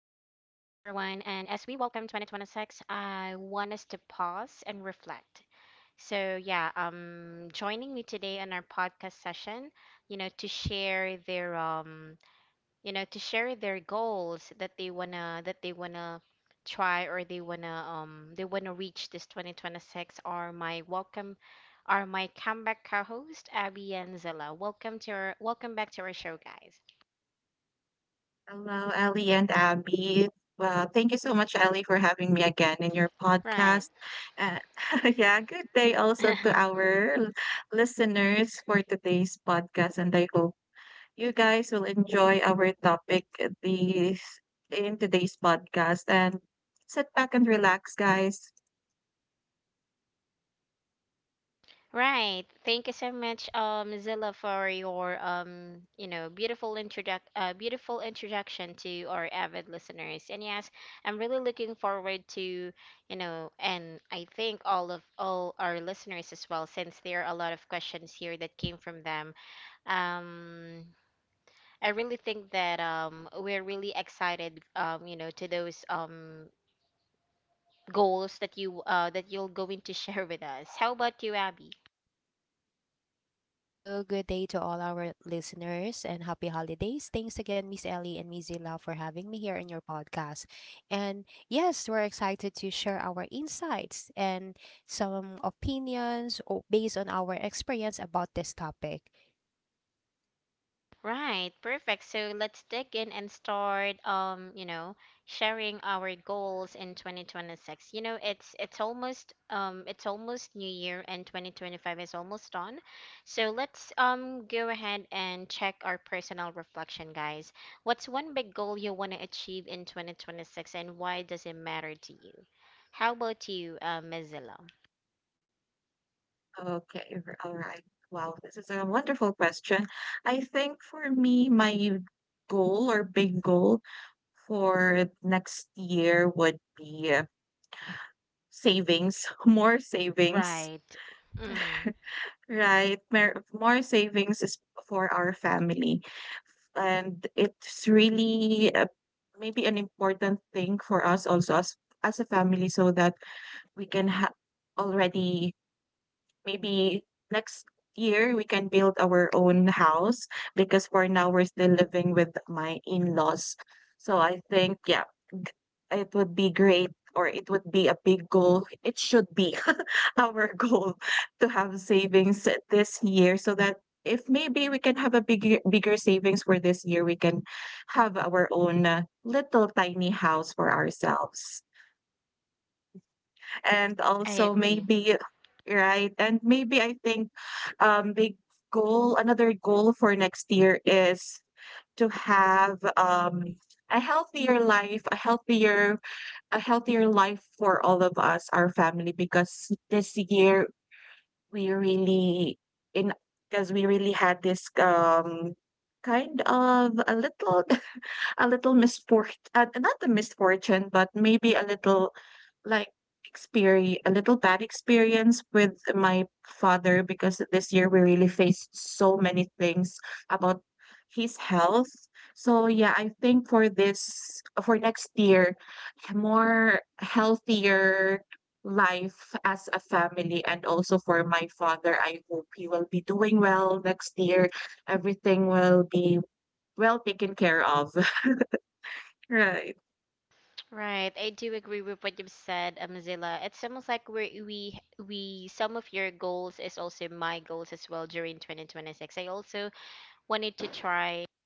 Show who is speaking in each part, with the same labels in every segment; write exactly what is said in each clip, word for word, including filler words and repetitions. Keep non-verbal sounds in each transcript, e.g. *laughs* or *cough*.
Speaker 1: everyone. And as we welcome twenty twenty-six, I want us to pause and reflect. So, yeah, um, joining me today on our podcast session, you know, to share their um, you know, to share their goals that they wanna that they wanna try, or they wanna um they wanna reach this twenty twenty-six are my welcome are my comeback co-host Abby and Zilla. Welcome to our welcome back to our show, guys.
Speaker 2: Hello, Ellie and Abby. Well, thank you so much, Ellie, for having me again in your podcast.
Speaker 1: Right.
Speaker 2: Uh, *laughs* yeah, good day also to
Speaker 1: *laughs*
Speaker 2: our l- listeners for today's podcast, and I hope you guys will enjoy our topic these in today's podcast. And sit back and relax, guys.
Speaker 1: Right. Thank you so much, um, Zilla, for your um, you know, beautiful introduc uh, beautiful introduction to our avid listeners. And yes, I'm really looking forward to, you know, and I think all of all our listeners as well, since there are a lot of questions here that came from them. Um, I really think that um, we're really excited, um, you know, to those um goals that you uh that you're going to *laughs* share with us. How about you, Abby?
Speaker 3: Hello, good day to all our listeners and happy holidays. Thanks again, Miss Ellie and Miss Zila, for having me here in your podcast. And yes, we're excited to share our insights and some opinions o- based on our experience about this topic.
Speaker 1: Right, perfect. So let's dig in and start um, you know, sharing our goals in twenty twenty-six. You know, it's it's almost um it's almost New Year, and twenty twenty-five is almost done. So let's um go ahead and check our personal reflection, guys. What's one big goal you want to achieve in twenty twenty-six, and why does it matter to you? How about you, uh, Mozilla?
Speaker 2: Okay, r- all right. Wow, this is a wonderful question. I think for me, my goal or big goal for next year would be uh, savings, *laughs* more savings,
Speaker 1: Right. Mm,
Speaker 2: right? Mer- More savings is for our family. And it's really uh, maybe an important thing for us also as, as a family so that we can have already. Maybe next year we can build our own house because for now we're still living with my in-laws. So I think, yeah, it would be great, or it would be a big goal. It should be *laughs* our goal to have savings this year so that if maybe we can have a bigger bigger savings for this year, we can have our own uh, little tiny house for ourselves. And
Speaker 1: I
Speaker 2: also,
Speaker 1: agree.
Speaker 2: maybe right, and maybe I think, um big goal, another goal for next year is to have um a healthier life, a healthier a healthier life for all of us, our family, because this year we really in because we really had this um kind of a little *laughs* a little misfort uh, not a misfortune, but maybe a little like experience, a little bad experience with my father because this year we really faced so many things about his health. So yeah, I think for this for next year, more healthier life as a family, and also for my father, I hope he will be doing well next year. Everything will be well taken care of. Right,
Speaker 1: Right, I do agree with what you've said, um, Zilla. It's almost like we we we some of your goals is also my goals as well during twenty twenty-six. I also wanted to try.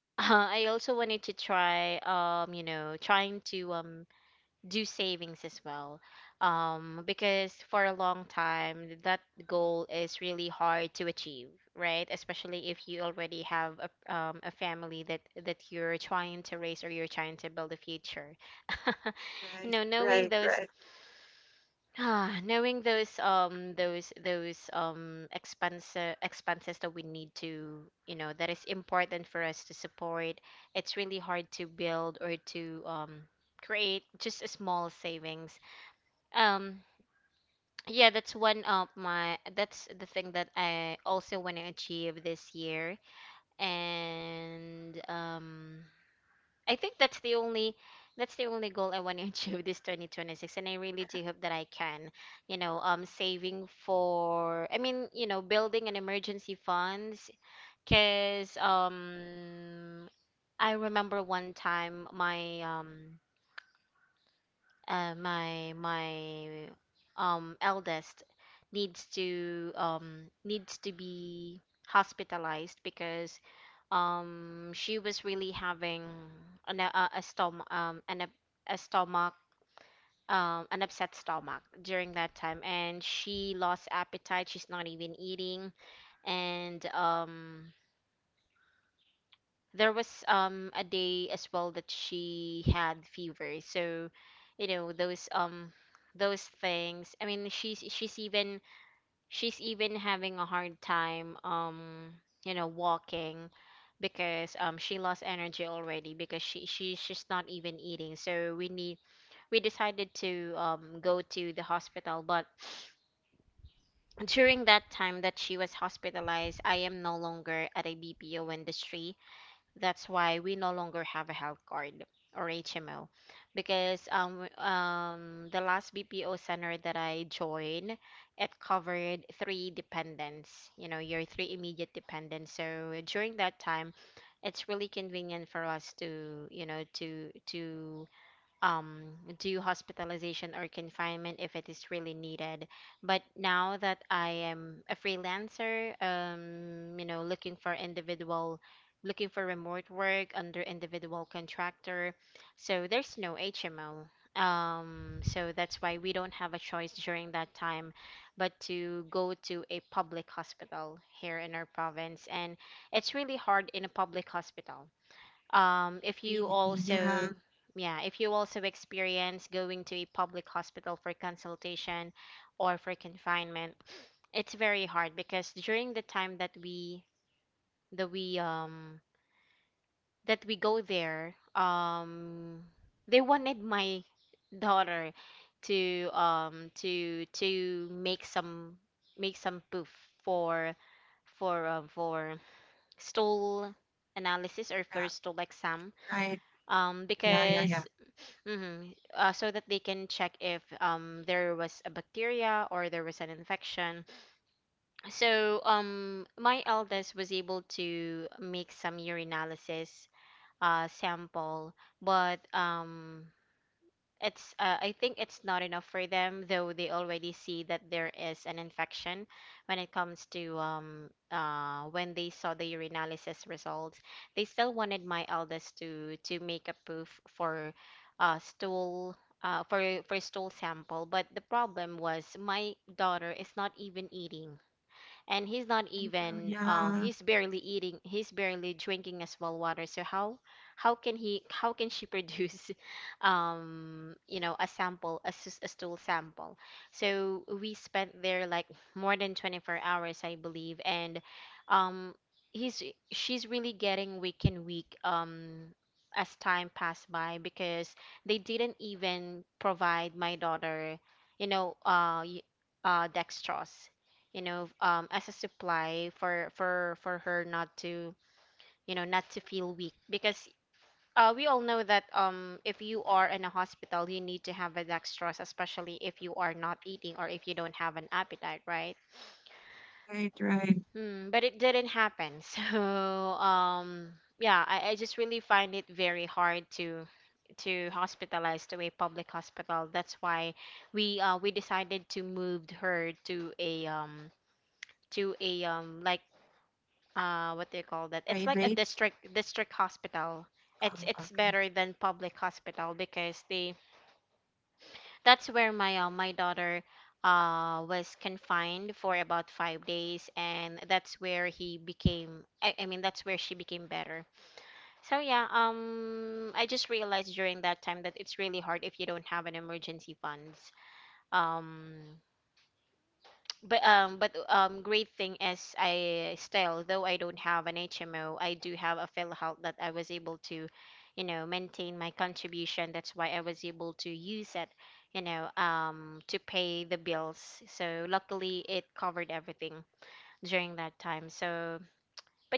Speaker 1: *laughs* I also wanted to try. Um, you know, trying to um do savings as well, um because for a long time that goal is really hard to achieve, right, especially if you already have a, um, a family that that you're trying to raise, or you're trying to build a future. *laughs*
Speaker 2: right,
Speaker 1: You know,
Speaker 2: right,
Speaker 1: knowing
Speaker 2: right.
Speaker 1: those *sighs* ah, knowing those um those those um expense expenses that we need to, you know, that is important for us to support. It's really hard to build or to um create just a small savings, um, yeah. That's one of my, that's the thing that I also want to achieve this year. And um I think that's the only, that's the only goal I want to *laughs* achieve this twenty twenty-six, and I really do hope that I can, you know, um saving for, I mean, you know, building an emergency funds, cuz um I remember one time my um uh, my my um eldest needs to um needs to be hospitalized because um she was really having an, a, a stomach, um an up- a stomach um an upset stomach during that time, and she lost appetite, she's not even eating. And um there was um a day as well that she had fever. So, you know, those um those things, I mean, she's she's even she's even having a hard time, um you know, walking, because um she lost energy already because she she's just not even eating. So we need, we decided to um go to the hospital. But during that time that she was hospitalized, I am no longer at a BPO industry. That's why we no longer have a health card or H M O, because um um the last B P O center that I joined, it covered three dependents, you know, your three immediate dependents. So during that time, it's really convenient for us to, you know, to to um, do hospitalization or confinement if it is really needed. But now that I am a freelancer, um, you know, looking for individual, looking for remote work under individual contractor, so there's no H M O. Um, so that's why we don't have a choice during that time but to go to a public hospital here in our province. And it's really hard in a public hospital, um, if
Speaker 2: Really,
Speaker 1: you
Speaker 2: yeah,
Speaker 1: also yeah, if you also experience going to a public hospital for consultation or for confinement, it's very hard. Because during the time that we, that we um that we go there, um they wanted my daughter to um to to make some, make some proof for, for um, for stool analysis or
Speaker 2: yeah,
Speaker 1: for stool exam,
Speaker 2: right.
Speaker 1: um
Speaker 2: Yeah, yeah, yeah.
Speaker 1: because mhm, uh, so that they can check if um there was a bacteria or there was an infection. So um my eldest was able to make some urinalysis uh sample, but um it's uh, I think it's not enough for them, though they already see that there is an infection when it comes to um uh when they saw the urinalysis results. They still wanted my eldest to to make a proof for uh stool uh for for stool sample. But the problem was my daughter is not even eating, and he's not
Speaker 2: I know,
Speaker 1: even, uh
Speaker 2: yeah,
Speaker 1: he's barely eating, he's barely drinking as well water. So how how can he, how can she produce *laughs* um you know, a sample, a, s- a stool sample? So we spent there like more than twenty-four hours, I believe. And um he's she's really getting weak and weak, um as time passed by, because they didn't even provide my daughter, you know, uh y- uh dextrose, you know, um, as a supply for for for her not to, you know, not to feel weak. Because uh, we all know that um, if you are in a hospital, you need to have a dextrose, especially if you are not eating or if you don't have an appetite, right?
Speaker 2: right, right.
Speaker 1: Hmm, but it didn't happen. *laughs* So, um, yeah, I, I just really find it very hard to to hospitalize to a public hospital. That's why we uh we decided to move her to a, um to a um like, uh what do you call that? It's like a
Speaker 2: Private.
Speaker 1: district district hospital.
Speaker 2: Oh,
Speaker 1: It's it's
Speaker 2: okay.
Speaker 1: better than public hospital, because they, that's where my uh, my daughter uh was confined for about five days, and that's where he became, I, I mean that's where she became better. So yeah, um I just realized during that time that it's really hard if you don't have an emergency funds. Um But um, but um, Great thing is, I still, though I don't have an H M O, I do have a PhilHealth that I was able to, you know, maintain my contribution. That's why I was able to use it, you know, um, to pay the bills. So luckily, it covered everything during that time. So,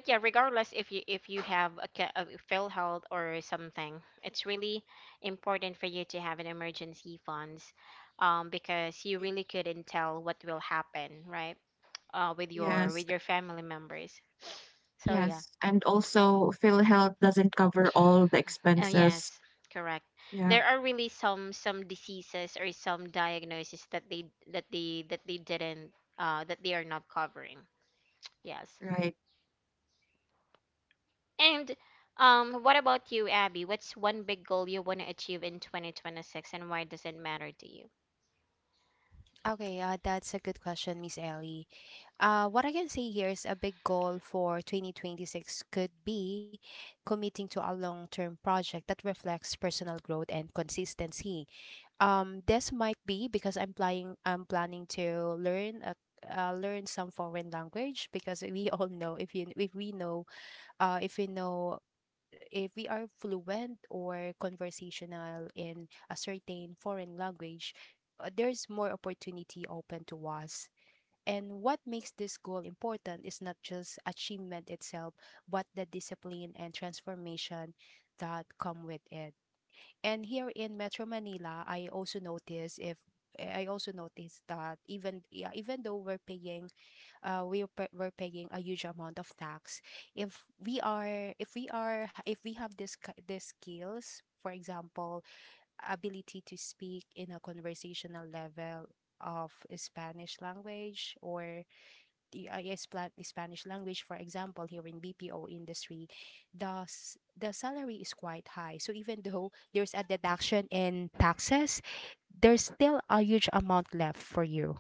Speaker 1: but yeah, regardless if you, if you have a, ca- a PhilHealth or something, it's really important for you to have an emergency funds, um, because you really couldn't tell what will happen, right, uh, with your,
Speaker 2: Yes,
Speaker 1: with your family members. So
Speaker 2: yes.
Speaker 1: yeah,
Speaker 2: And also, PhilHealth doesn't cover all the
Speaker 1: oh
Speaker 2: expenses.
Speaker 1: yes, correct.
Speaker 2: Yeah,
Speaker 1: There are really some some diseases or some diagnoses that they that they that they didn't, uh, that they are not covering. Yes,
Speaker 2: right.
Speaker 1: and um, what about you, Abby? What's one big goal you want to achieve in twenty twenty-six, and why does it matter to you?
Speaker 3: Okay, uh, that's a good question, Miss Ellie. Uh, what I can say here is a big goal for twenty twenty-six could be committing to a long term project that reflects personal growth and consistency. Um, this might be because I'm planning I'm planning to learn a uh, learn some foreign language, because we *laughs* all know if you if we know uh if we know if we are fluent or conversational in a certain foreign language, uh, there's more opportunity open to us. And what makes this goal important is not just achievement itself, but the discipline and transformation that come with it. And here in Metro Manila, I also notice if I also noticed that, even yeah, even though we're paying uh we're pa- we're paying a huge amount of tax, if we are if we are if we have this ki- this skills, for example, ability to speak in a conversational level of Spanish language, or the uh, yes, pla- the Spanish language, for example, here in B P O industry, the s- the salary is quite high. So even though there's a deduction in taxes, there's still a huge amount left for you,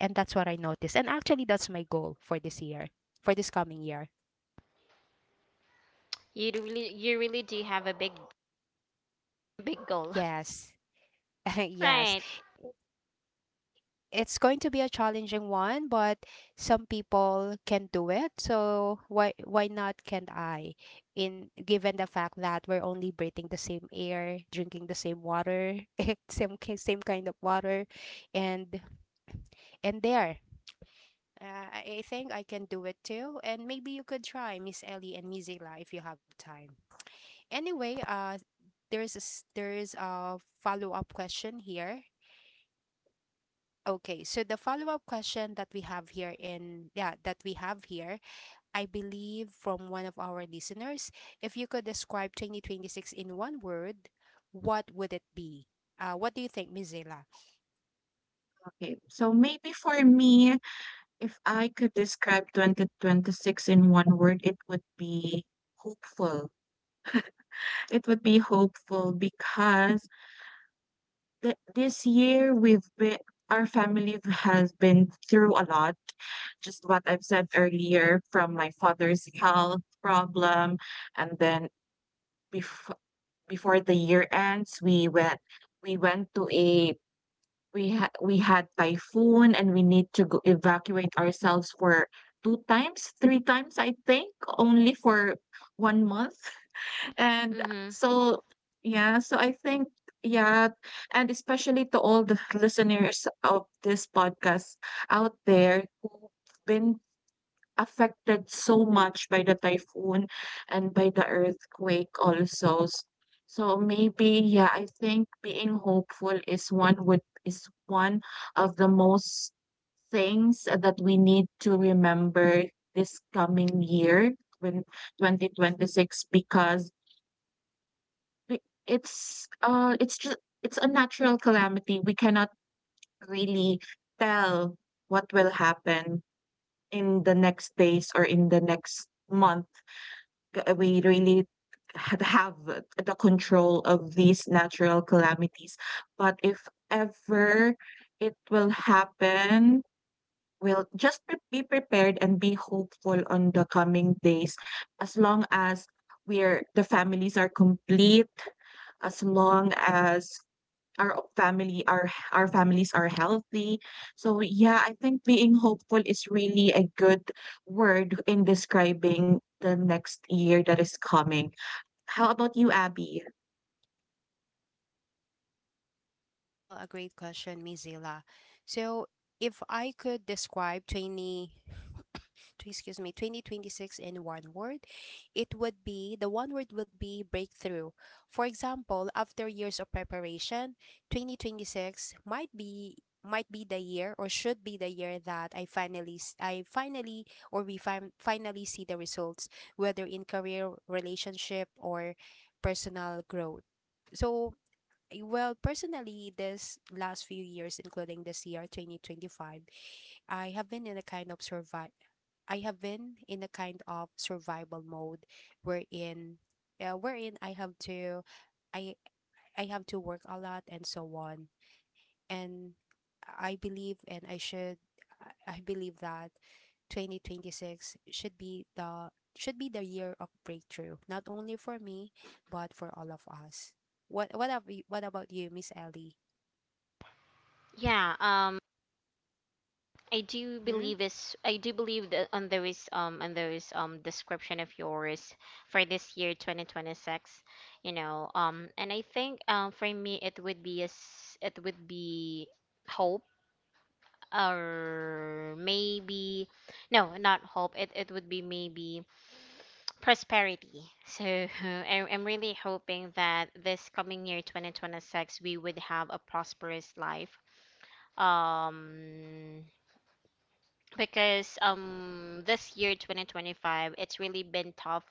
Speaker 3: and that's what I noticed. And actually, that's my goal for this year, for this coming year.
Speaker 1: You do really, you really do have a big, big goal,
Speaker 3: Yes, *laughs*
Speaker 1: *laughs*
Speaker 3: yes.
Speaker 1: right?
Speaker 3: It's going to be a challenging one, but some people can do it. So why why not can not I? In given the fact that we're only breathing the same air, drinking the same water, *laughs* same ki- same kind of water, and and there. Uh, I I think I can do it too, and maybe you could try Miss Ellie and Miss Zila if you have time. Anyway, uh, there is a, s- there is a follow up question here. Okay, so the follow-up question that we have here in yeah, that we have here, I believe from one of our listeners, if you could describe twenty twenty-six in one word, what would it be? Uh, what do you think, Miss Mizela?
Speaker 2: Okay. So maybe for me, if I could describe twenty twenty-six in one word, it would be hopeful. It would be hopeful because th- this year we've been our family has been through a lot, just what I've said earlier, from my father's health problem. And then before before the year ends, we went we went to a we had we had typhoon, and we need to go evacuate ourselves for two times three times, I think, only for one month. And
Speaker 1: Mm-hmm.
Speaker 2: so yeah, so I think, yeah, and especially to all the listeners of this podcast out there who've been affected so much by the typhoon and by the earthquake also. S- So maybe, yeah, I think being hopeful is one would is one of the most things that we need to remember this coming year when twenty twenty-six, because we it's, uh, it's just it's a natural calamity. We cannot really tell what will happen in the next days or in the next month. G uh, we really had have the control of these natural calamities. But if ever it will happen, we'll just pre be prepared and be hopeful on the coming days, as long as we're the families are complete, as long as our family our our families are healthy. So yeah, I think being hopeful is really a good word in describing the next year that is coming. How about you, Abby?
Speaker 3: Uh, this is real a great question, Mizila. So if I could describe twenty, *coughs* tw- excuse me, twenty twenty-six in one word, it would be, the one word would be breakthrough. For example, after years of preparation, twenty twenty-six might be might be the year, or should be the year, that I finally s- I finally or we fin- finally see the results, whether in career relationship or personal growth. So eh, well, personally, this last few years, including this year, twenty twenty-five, I have been in a kind of survive. I have been in a kind of survival mode, wherein, uh, wherein I have to, I, I have to work a lot and so on. And I believe, and I should, I I believe that twenty twenty-six should be the should be the year of breakthrough, not only for me, but for all of us. What what about you, what about you, Miss Ellie?
Speaker 1: Yeah. Um. I do
Speaker 3: Mm-hmm.
Speaker 1: believe is I do believe that on those um on those um description of yours for this year twenty twenty-six, you know, um and I think um for me it would be a s it would be hope, or maybe no, not hope. It it would be maybe prosperity. So *laughs* I, I'm really hoping that this coming year twenty twenty-six, we would have a prosperous life. Um because um this year twenty twenty-five, it's really been tough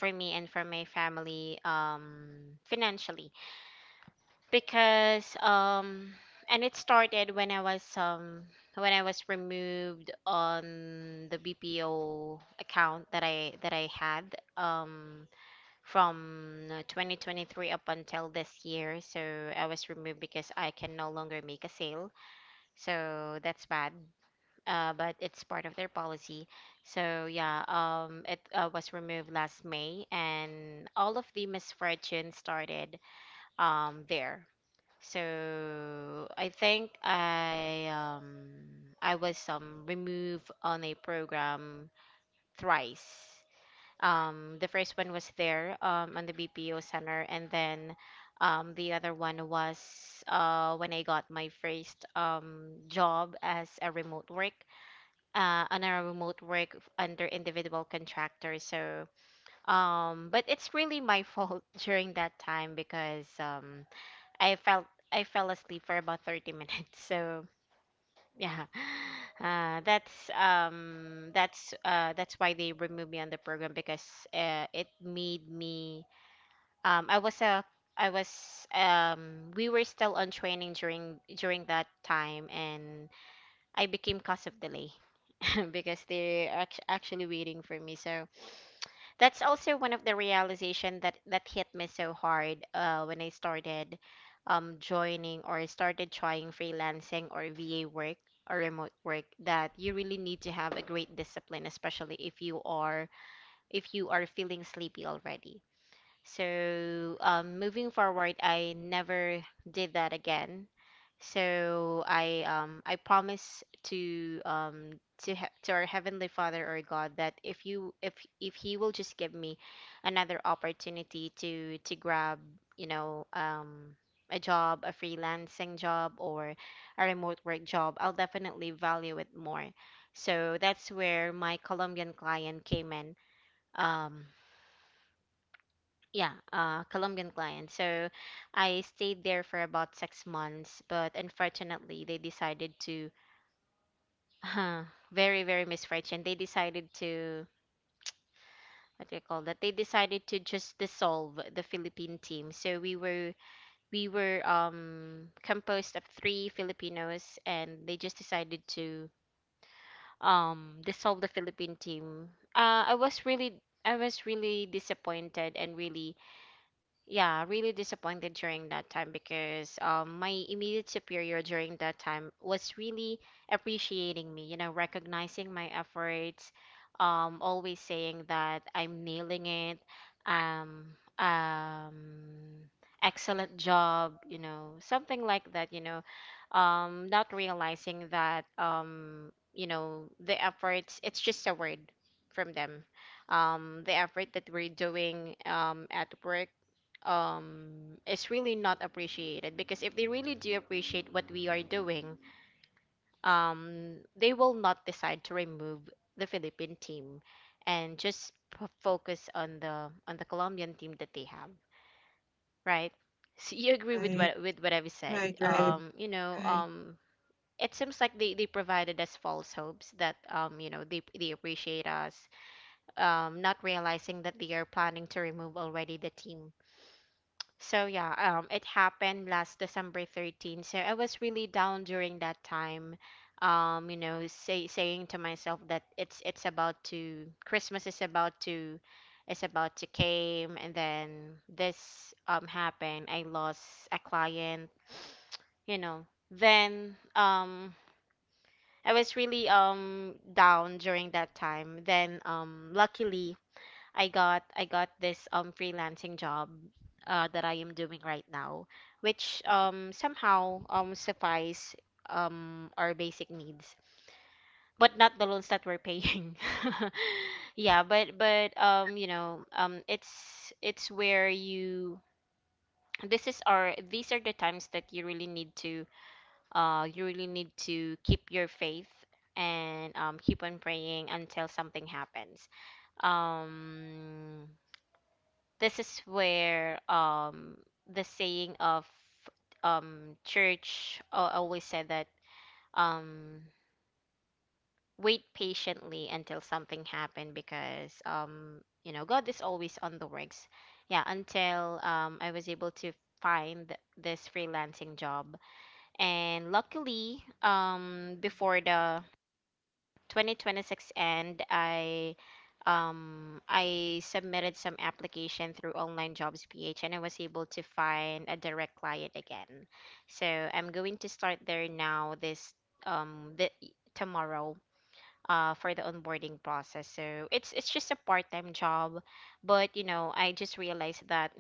Speaker 1: for me and for my family, um financially. Because um and it started when I was um when I was removed on the B P O account that I that I had, um from uh, twenty twenty-three up until this year. So I was removed because I can no longer make a sale. So that's bad, uh, but it's part of their policy. So yeah, um, it, uh, was removed last May, and all of the misfortune started um, there. So I think I um, I was, um, removed on a program thrice. Um, the first one was there, um, on the B P O center, and then, um, the other one was uh, when I got my first, um, job as a remote work, uh, on a remote work f- under individual contractor. So, um, but it's really my fault *laughs* during that time because, um, I felt I fell asleep for about thirty minutes. So, yeah. *laughs* *sighs* Uh, that's um that's uh that's why they removed me on the program because, uh, it made me, um I was a I was, um we were still on training during during that time, and I became cause of delay *laughs* because they're act- actually waiting for me. So that's also one of the realization that that hit me so hard uh, when I started um, joining or started trying freelancing or V A work or remote work that you really need to have a great discipline, especially if you are if you are feeling sleepy already. So, um, moving forward, I never did that again. So I um I promise to um to he to our Heavenly Father or God that if you if if He will just give me another opportunity to to grab, you know, um a job, a freelancing job or a remote work job. I'll definitely value it more. So that's where my Colombian client came in. Um yeah, uh, Colombian client. So I stayed there for about six months, but unfortunately, they decided to, *laughs* very, very misfortune. They decided to, what do you call that? They decided to just dissolve the Philippine team. So we were we were um composed of three Filipinos, and they just decided to um dissolve the Philippine team. Uh, I was really I was really disappointed and really yeah, really disappointed during that time because um, my immediate superior during that time was really appreciating me, you know, recognizing my efforts, um, always saying that I'm nailing it, um, um, excellent job, you know, something like that, you know, um, not realizing that, um, you know, the efforts, it's just a word from them. Um, the effort that we're doing um, at work um is really not appreciated because if they really do appreciate what we are doing um they will not decide to remove the Philippine team and just p- focus on the on the Colombian team that they have, right? *laughs* So you agree with
Speaker 2: Right,
Speaker 1: what with what I've said,
Speaker 2: right, right,
Speaker 1: um you know
Speaker 2: right.
Speaker 1: um it seems like they, they provided us false hopes that um you know they they appreciate us, um not realizing that they are planning to remove already the team. So yeah, um, it happened last December thirteenth. So I was really down during that time. Um, you know, say, saying to myself that it's it's about to Christmas is about to is about to came, and then this um happened. I lost a client. You know, then um I was really um down during that time. Then um luckily I got I got this um freelancing job uh that I am doing right now, which um somehow um suffice um our basic needs, but not the loans that we're paying. *laughs* Yeah, but but um you know um it's it's where you this is our these are the times that you really need to uh you really need to keep your faith and um keep on praying until something happens. Um This is where um The saying of um church uh, always said that um wait patiently until something happened because um you know God is always on the works. Yeah, until um I was able to find this freelancing job and luckily um before the twenty twenty-six end, I um I submitted some application through online jobs P H and I was able to find a direct client again. So I'm going to start there now this um the tomorrow uh for the onboarding process. So it's it's just a part-time job, but you know, I just realized that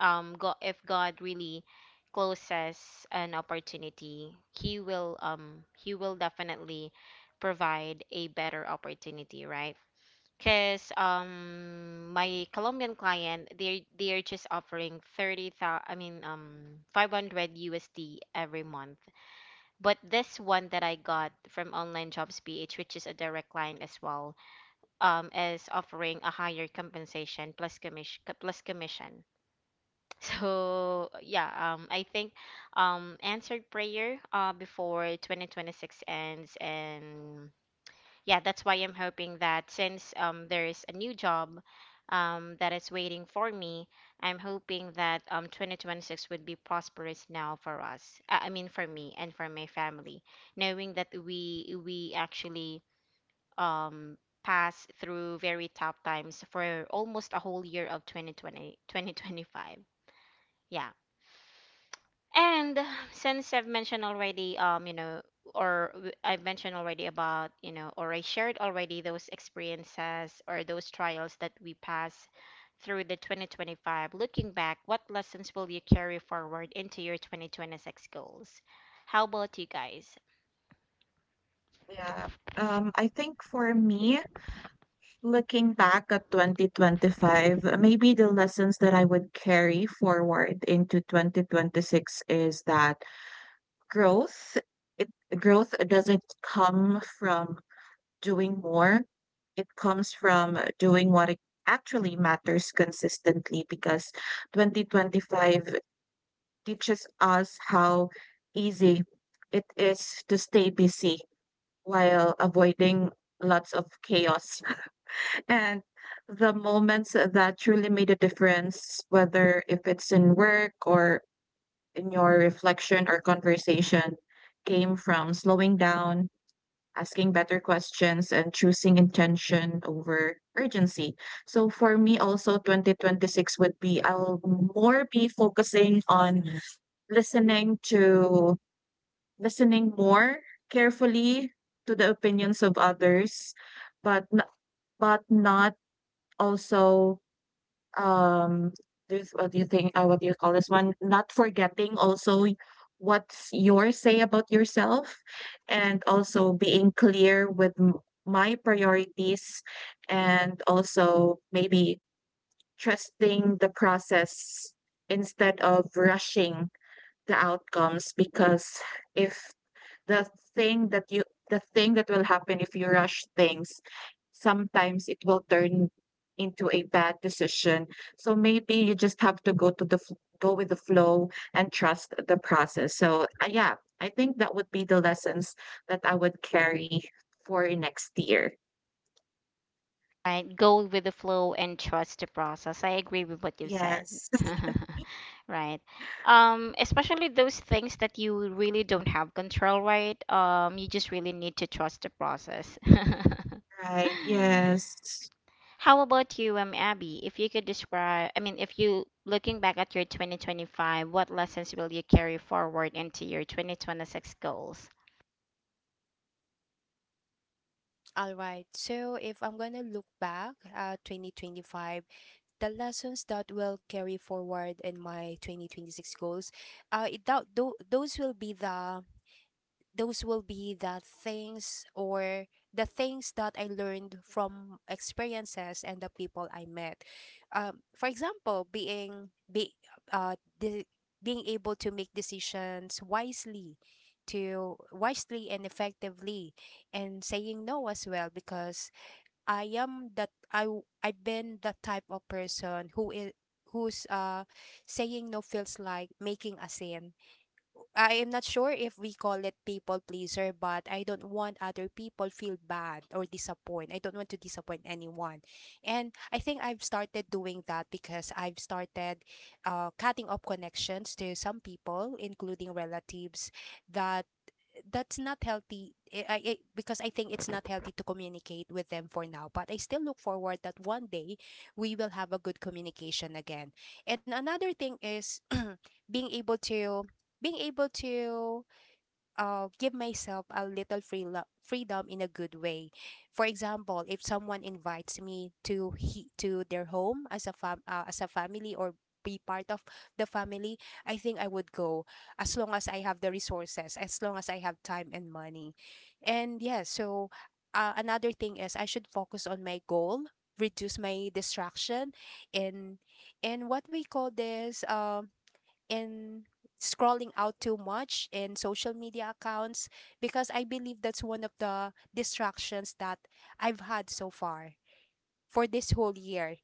Speaker 1: um God, if God really closes an opportunity, he will um he will definitely provide a better opportunity, right? Cause um my Colombian client they they are just offering thirty thousand, I mean, um five hundred U S D every month. But this one that I got from Online Jobs P H, which is a direct client as well, um is offering a higher compensation plus commission plus commission. So yeah, um, I think um, answered prayer uh, before twenty twenty-six ends, and yeah, that's why I'm hoping that since um, there is a new job um, that is waiting for me, I'm hoping that um, twenty twenty-six would be prosperous now for us. Uh, I mean, for me and for my family, knowing that we we actually um, passed through very tough times for almost a whole year of twenty twenty, twenty twenty-five. Yeah, and *sighs* since I've mentioned already, um, you know, or w- I've mentioned already about, you know, or I shared already those experiences or those trials that we pass through the twenty twenty-five. Looking back, what lessons will you carry forward into your twenty twenty-six goals? How about you guys?
Speaker 2: Yeah, um I think for me, looking back at twenty twenty-five, maybe the lessons that I would carry forward into twenty twenty-six is that growth, it growth doesn't come from doing more. It comes from doing what it actually matters consistently, because twenty twenty-five teaches us how easy it is to stay busy while avoiding lots of chaos. *laughs* And the moments that truly made a difference, whether if it's in work or in your reflection or conversation, came from slowing down, asking better questions, and choosing intention over urgency. So for me also, twenty twenty-six would be I'll more be focusing on listening to listening more carefully to the opinions of others, but n- but not also, um, this what do you think uh, what do you call this one? Not forgetting also, y- what's your say about yourself, and also being clear with m- my priorities, and also maybe trusting the process instead of rushing the outcomes, because if the thing that you the thing that will happen if you rush things sometimes, it will turn into a bad decision. So maybe you just have to go to the f- go with the flow and trust the process. So uh, yeah, I think that would be the lessons that I would carry for next year.
Speaker 1: Right, go with the flow and trust the process. I agree with what you said.
Speaker 2: Yes.
Speaker 1: *laughs* Right. Um, especially those things that you really don't have control, right? Um, you just really need to trust the process.
Speaker 2: Right. Yes.
Speaker 1: *laughs* How about you, um, Abby? If you could describe, I mean, if you looking back at your twenty twenty-five, what lessons will you carry forward into your twenty twenty-six goals?
Speaker 3: All right. So if I'm going to look back at twenty twenty-five, the lessons that will carry forward in my twenty twenty-six goals, uh, it, that, tho- those will be the those will be the things, or the things that I learned from experiences and the people I met. Um, for example, being be uh de- being able to make decisions wisely, to wisely and effectively, and saying no as well, because I am that I w- I've been the type of person who is who's uh saying no feels like making a scene. I am not sure if we call it people pleaser, but I don't want other people feel bad or disappoint. I don't want to disappoint anyone. And I think I've started doing that because I've started uh, cutting off connections to some people, including relatives, that that's not healthy eh, I, I, Because I think it's not healthy to communicate with them for now, but I still look forward that one day we will have a good communication again. And another thing is *clears throat* being able to being able to uh, give myself a little free lo- freedom in a good way. For example, if someone invites me to he- to their home as a fam- uh, as a family or be part of the family, I think I would go as long as I have the resources, as long as I have time and money. And yeah, so uh, another thing is I should focus on my goal, reduce my distraction, and and what we call this um and scrolling out too much in social media accounts, because I believe that's one of the distractions that I've had so far for this whole year.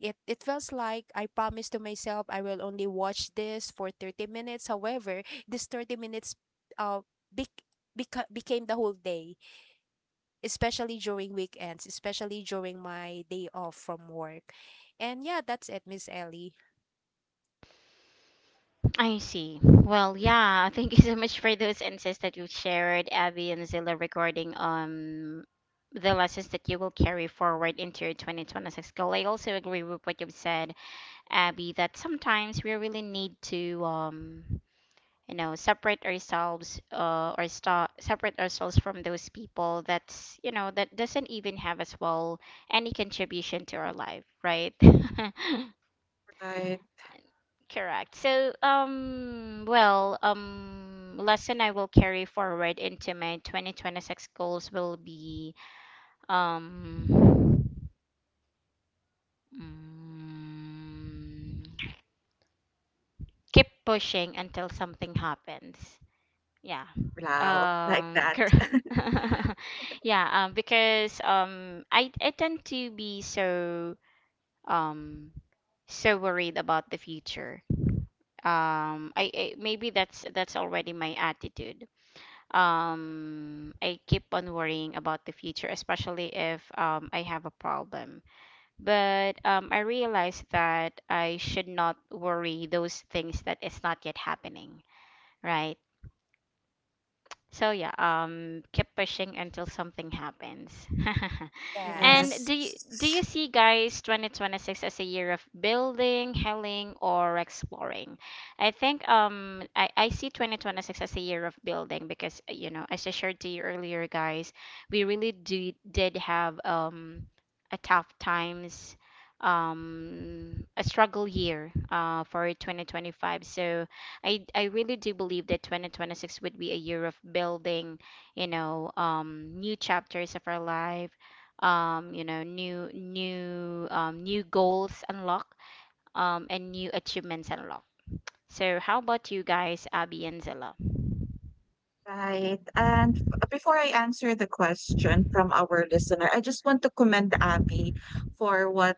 Speaker 3: It it feels like I promised to myself I will only watch this for thirty minutes. However, this thirty minutes uh bec- beca- became the whole day, especially during weekends, especially during my day off from work. And yeah, that's it, Miss Ellie.
Speaker 1: I see. Well, yeah, *laughs* thank you so much for those insights that you shared, Abby and Zilla, regarding um the lessons that you will carry forward into your twenty twenty-six goal. I also agree with what you've said, Abby, that sometimes we really need to um you know separate ourselves uh or sta separate ourselves from those people that's you know that doesn't even have as well any contribution to our life, right? *laughs*
Speaker 2: Right.
Speaker 1: Correct. So, um, well, um, lesson I will carry forward into my twenty twenty-six goals will be, um, mm, keep pushing until something happens. Yeah.
Speaker 2: Wow, like
Speaker 1: Um,
Speaker 2: that.
Speaker 1: cor-
Speaker 2: *laughs* ago.
Speaker 1: *laughs* yeah, um, because um, I I tend to be so um so worried about the future. Um, I, I Maybe that's that's already my attitude. um I keep on worrying about the future, especially if um I have a problem. But um I realized that I should not worry those things that is not yet happening, right? So yeah, um keep pushing until something happens. *laughs* And
Speaker 2: Yes,
Speaker 3: Yes.
Speaker 1: do you, do you see, guys, twenty twenty-six as a year of building, healing, or exploring? I think um I, I see twenty twenty-six as a year of building because uh, you know, as I shared to you earlier, guys, we really do, did have um a tough times, um a struggle year uh for twenty twenty-five. So I I really do believe that twenty twenty-six would be a year of building, you know, um new chapters of our life, um, you know, new new um, new goals unlock, um, and new achievements unlock. So how about you guys, Abby and Zilla?
Speaker 2: right. And f- before I answer the question from our listener, I just want to commend Abby for what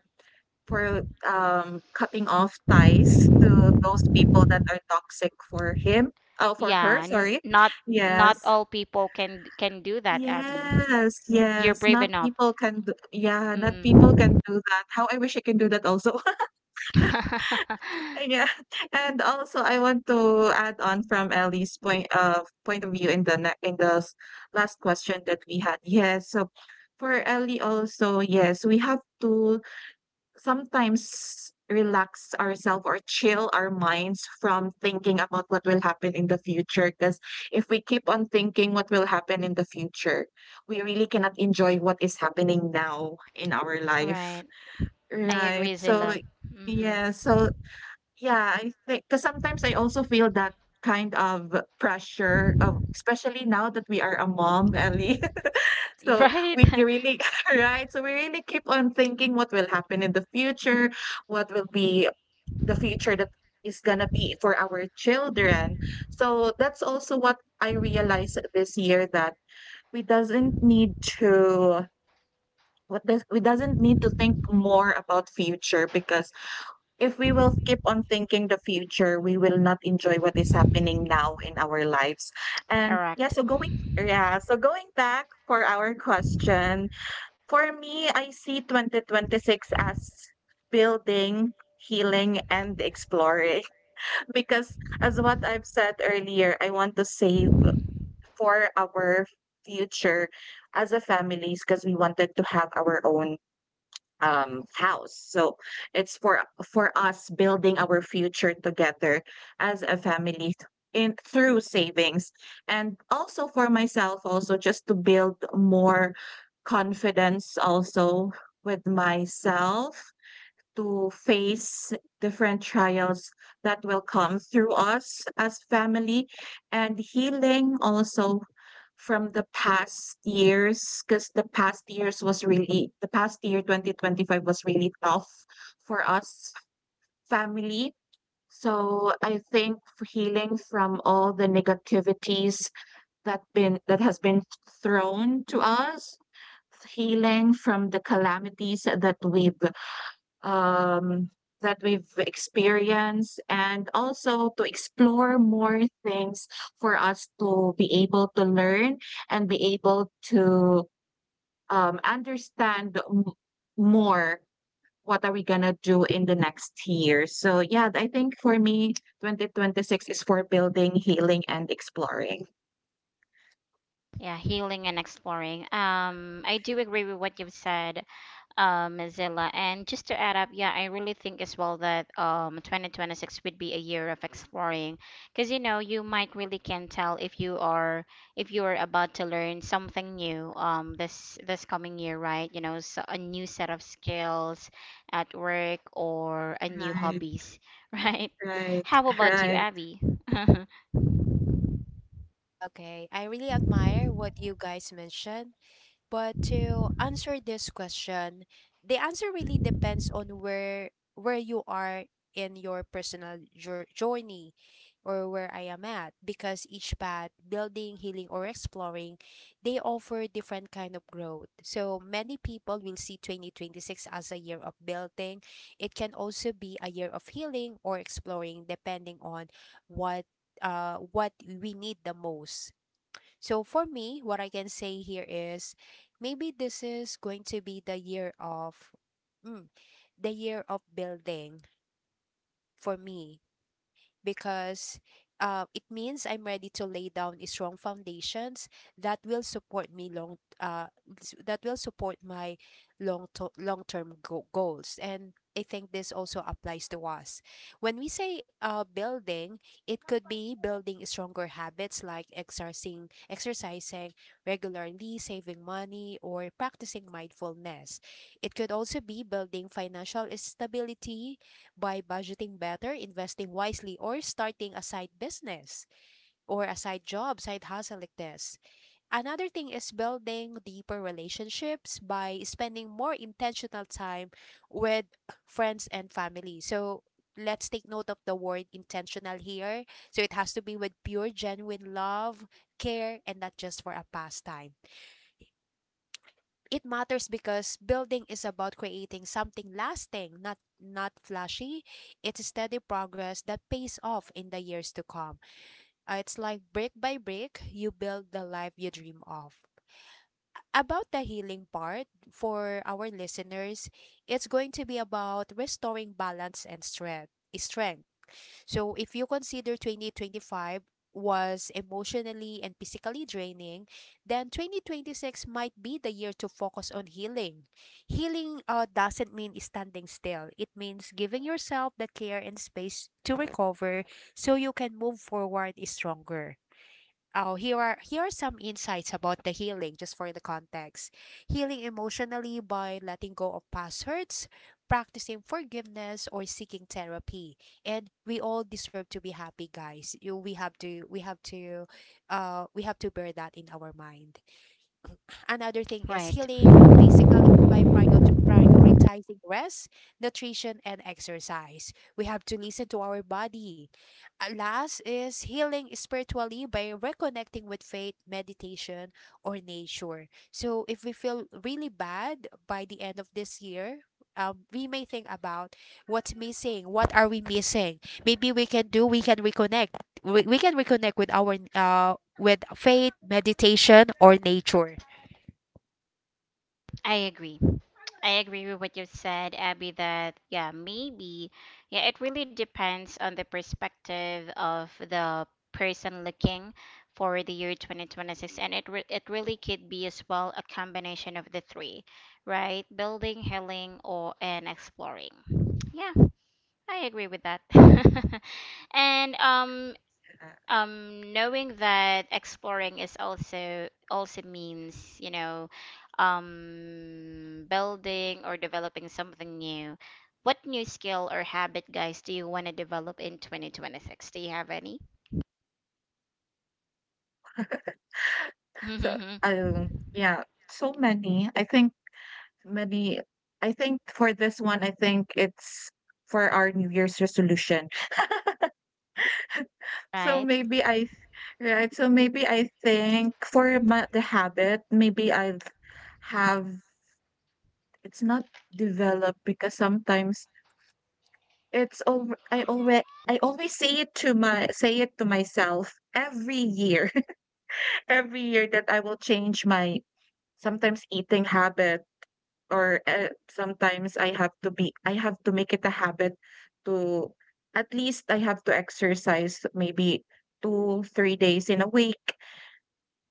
Speaker 2: for, um, cutting off ties to those people that are toxic for him. Oh, for her,
Speaker 1: Yeah, n
Speaker 2: sorry.
Speaker 1: not
Speaker 2: Yes.
Speaker 1: not all people can can do that, Abby.
Speaker 2: Yes,
Speaker 1: You're
Speaker 2: yes.
Speaker 1: brave
Speaker 2: Not
Speaker 1: enough.
Speaker 2: people can do, yeah, not people
Speaker 1: Mm.
Speaker 2: can do that. How I wish I can do that also. *laughs*
Speaker 1: *laughs*
Speaker 2: Yeah. And also, I want to add on from Ellie's point of point of view in the ne- in the s- last question that we had. Yes. So for Ellie also, yes, we have to sometimes relax ourselves or chill our minds from thinking about what will happen in the future, because if we keep on thinking what will happen in the future, we really cannot enjoy what is happening now in our life.
Speaker 1: Right. I agree,
Speaker 2: Right. So
Speaker 1: Zilla. Mm-hmm.
Speaker 2: yeah, so yeah, I think, because sometimes I also feel that kind of pressure of, especially now that we are a mom, Ellie. *laughs*
Speaker 1: *laughs*
Speaker 2: So
Speaker 1: Right?
Speaker 2: we can
Speaker 1: *laughs*
Speaker 2: really, *laughs* right? So we really keep on thinking what will happen in the future, what will be the future that is gonna be for our children. So that's also what I realized this year, that we doesn't need to what does we doesn't need to think more about future, because if we will keep on thinking the future, we will not enjoy what is happening now in our lives. And yeah,
Speaker 1: Correct.
Speaker 2: so going yeah, so going back for our question, for me, I see twenty twenty-six as building, healing, and exploring. *laughs* Because, as what I've said earlier, I want to save for our future as a families, because we wanted to have our own um, house. So it's for for us building our future together as a family, th- in through savings, and also for myself, also just to build more confidence, also with myself, to face different trials that will come through us as family, and healing also from the past years, because the past years was really the past year twenty twenty-five was really tough for us family. So I think, f- healing from all the negativities that been that has been thrown to us, healing from the calamities that we've um, that we've experienced, and also to explore more things for us to be able to learn and be able to um, understand m- more what are we gonna do in the next year. So yeah, I think for me, twenty twenty-six is for building, healing, and exploring.
Speaker 1: Yeah, healing and exploring. Um, I do agree with what you've said, um, Zilla. And just to add up, yeah, I really think as well that um, twenty twenty-six would be a year of exploring, because you know you might really can tell if you are if you are about to learn something new um, this this coming year, right? You know, so a new set of skills at work or a new
Speaker 2: Right,
Speaker 1: hobbies, *laughs* right?
Speaker 2: right,
Speaker 1: How
Speaker 2: *laughs*
Speaker 1: about you,
Speaker 2: right.
Speaker 1: Abby? *laughs*
Speaker 3: Okay, I really admire what you guys mentioned, but to answer this question, the answer really depends on where where you are in your personal jour- journey, or where I am at, because each path, building, healing, or exploring, they offer different kind of growth. So many people will see twenty twenty-six as a year of building. It can also be a year of healing or exploring, depending on what uh what we need the most. So for me, what I can say here is maybe this is going to be the year of mm, the year of building for me, because uh, it means I'm ready to lay down a strong foundations that will support me long uh, s- that will support my long to- long term go- goals, and I think this also applies to us. When we say uh, building, it could be building stronger habits like exercising, exercising regularly, saving money, or practicing mindfulness. It could also be building financial stability by budgeting better, investing wisely, or starting a side business, or a side job, side hustle like this. Another thing is building deeper relationships by spending more intentional time with friends and family. So let's take note of the word intentional here. So it has to be with pure, genuine love, care, and not just for a pastime. It matters because building is about creating something lasting, not not flashy. It's a steady progress that pays off in the years to come. Uh, It's like brick by brick, you build the life you dream of. About the healing part for our listeners, it's going to be about restoring balance and strength. Strength. So if you consider twenty twenty-five was emotionally and physically draining, then twenty twenty-six might be the year to focus on healing. Healing uh, doesn't mean standing still, it means giving yourself the care and space to recover, so you can move forward stronger. Oh, here are here are some insights about the healing, just for the context. Healing emotionally by letting go of past hurts, practicing forgiveness, or seeking therapy. And we all deserve to be happy, guys. You, we have to, we have to, uh, we have to bear that in our mind. Another thing is
Speaker 1: Right,
Speaker 3: healing physically by prior- prioritizing rest, nutrition, and exercise. We have to listen to our body. Last is healing spiritually by reconnecting with faith, meditation, or nature. So, if we feel really bad by the end of this year, um, we may think about what's missing. What are we missing? Maybe we can do. We can reconnect. We, we can reconnect with our uh with faith, meditation, or nature.
Speaker 1: I agree. I agree with what you said, Abby, that yeah, maybe. Yeah, it really depends on the perspective of the person looking for the year twenty twenty-six and it re- it really could be as well a combination of the three, right? Building, healing, or and exploring. Yeah, I agree with that. *laughs* And um um knowing that exploring is also also means you know um building or developing something new, what new skill or habit, guys, do you want to develop in twenty twenty-six? Do you have any?
Speaker 2: So
Speaker 1: *laughs*
Speaker 2: um, yeah, so many. I think many I think for this one, I think it's for our new year's resolution. So
Speaker 1: Right.
Speaker 2: maybe I Right. So maybe I think for my, the habit, maybe I've have, it's not developed, because sometimes it's over. i already I always say it to my say it to myself every year. *laughs* Every year that I will change my sometimes eating habit, or uh, sometimes I have to be I have to make it a habit to, at least I have to exercise maybe two, three days in a week.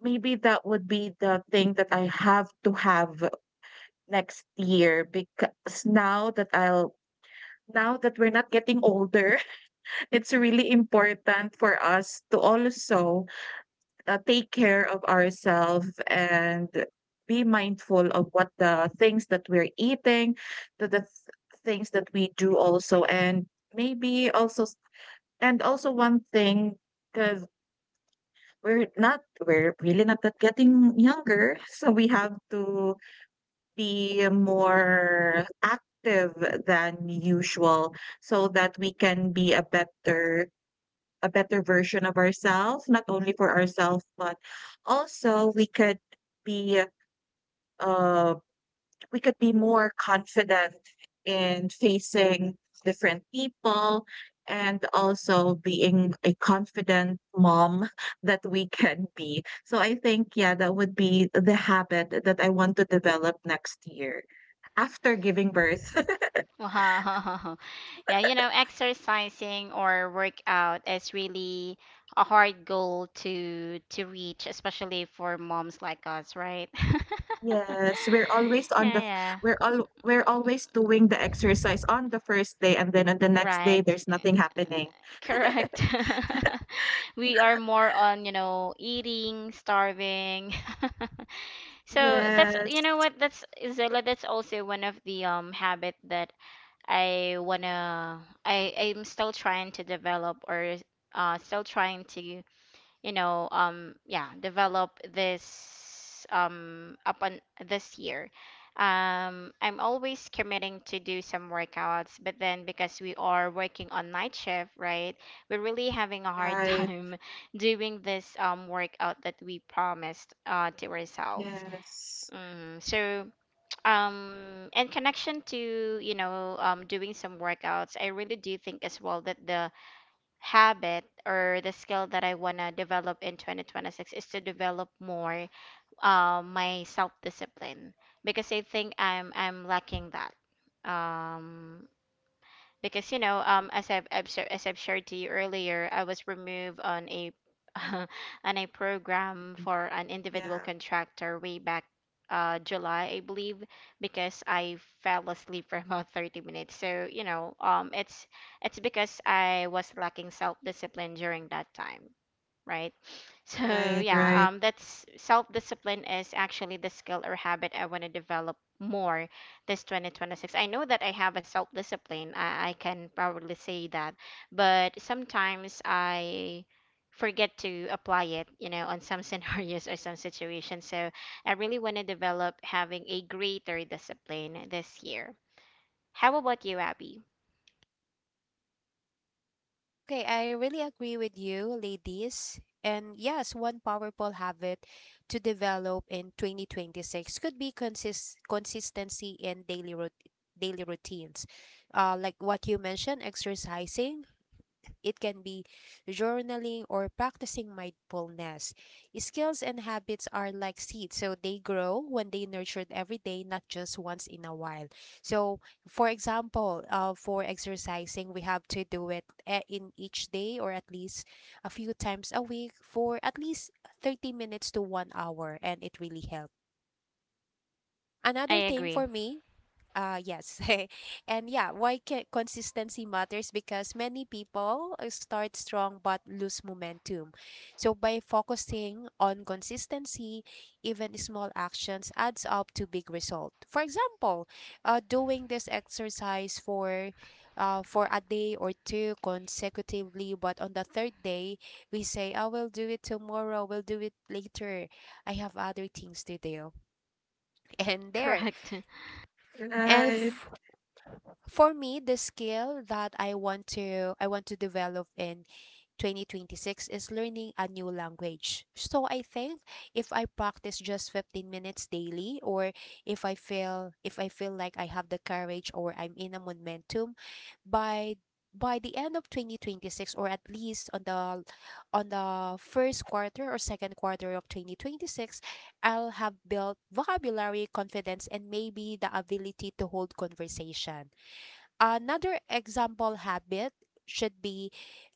Speaker 2: Maybe that would be the thing that I have to have next year, because now that I'll now that we're not getting older, *laughs* it's really important for us to also uh, take care of ourselves and be mindful of what the things that we're eating, to the th- things that we do also. And maybe also s- and also one thing, because we're not we're really not that getting younger, *laughs* so we have to be more active than usual, so that we can be a better a better version of ourselves, not only for ourselves, but also we could be uh, we could be more confident in facing different people, and also being a confident mom *laughs* that we can be. So I think, yeah, that would be the habit that I want to develop next year after giving birth.
Speaker 1: Wow. *laughs* Yeah, you know exercising or workout is really a hard goal to to reach, especially for moms like us, right? *laughs*
Speaker 2: Yes, we're always
Speaker 1: Yeah.
Speaker 2: on the f-
Speaker 1: Yeah.
Speaker 2: we're all we're always doing the exercise on the first day, and then on the next day,
Speaker 1: Right.
Speaker 2: there's nothing
Speaker 1: *laughs*
Speaker 2: happening.
Speaker 1: Correct. *laughs* We are more on, you know, eating, starving. *laughs* So that's, you
Speaker 2: Yes,
Speaker 1: know what, that's Zilla, that's also one of the um habit that I wanna I I'm still trying to develop or uh still trying to you know, um, yeah, develop this um upon this year. Um, I'm always committing to do some workouts, but then because we are working on night shift, right, we're really having a hard *laughs*
Speaker 2: right.
Speaker 1: time doing this um workout that we promised uh to ourselves.
Speaker 2: Yes.
Speaker 1: Mm, so um in connection to you know um doing some workouts, I really do think as well that the habit or the skill that I want to develop in twenty twenty-six is to develop more uh, my self discipline because I think I'm I'm lacking that. Um, because you know um as I've, I've shar- as I've shared to you earlier I was removed on a *laughs* on a
Speaker 2: I
Speaker 1: program
Speaker 2: think-
Speaker 1: for an individual
Speaker 2: Yeah,
Speaker 1: contractor way back uh July I believe because I fell asleep for *laughs* about thirty minutes. So you know um it's it's because I was lacking self-discipline during that time, right? *laughs* So
Speaker 2: right,
Speaker 1: yeah,
Speaker 2: right,
Speaker 1: um, that's self-discipline is actually the skill or habit I want to develop more this twenty twenty-six. I know that I have a self-discipline. I, I can probably say that, but sometimes I forget to apply it, you know, on some *laughs* scenarios or some situations. So I really want to develop having a greater discipline this year. How about you, Abby?
Speaker 3: Okay, I really agree with you, ladies. And yes, one powerful habit to develop in twenty twenty-six could be consist consistency in daily rut daily routines. Uh, like what you mentioned, exercising, it can be journaling or practicing mindfulness. Skills and habits are like seeds, so they grow when they nurtured every day, not just once in a while. So, for example, uh, for exercising, we have to do it e- in each day, or at least a few times a week, for at least thirty minutes to one hour, and it really helps.
Speaker 1: I
Speaker 3: Another thing
Speaker 1: agree.
Speaker 3: for me, uh, yes. *laughs* And yeah, why ca- consistency matters, because many people uh, start strong but lose momentum. So by focusing on consistency, even small actions adds up to big result. For example, uh, doing this exercise for uh, for a day or two consecutively, but on the third day we say, "I will do it tomorrow. We'll do it later. I have other things to do." *laughs* And there
Speaker 1: Correct.
Speaker 2: right.
Speaker 3: elf for me, the skill that i want to i want to develop in twenty twenty-six is learning a new language. So I think if I practice just fifteen minutes daily, or if i feel if i feel like I have the courage or I'm in a momentum, by by the end of twenty twenty-six, or at least on the on the first quarter or second quarter of twenty twenty-six, I'll have built vocabulary, confidence, and maybe the ability to hold conversation. Another example habit should be,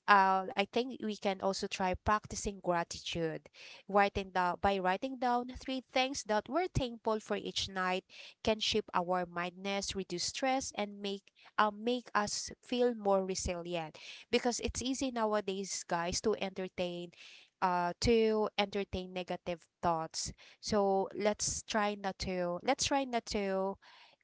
Speaker 3: uh, I think we can also try practicing gratitude. Writing down by writing down three things that we're thankful for each night can shape our mindness, reduce stress, and make uh, make us feel more resilient. Because it's easy nowadays, guys, to entertain uh to entertain negative thoughts. So let's try not to let's try not to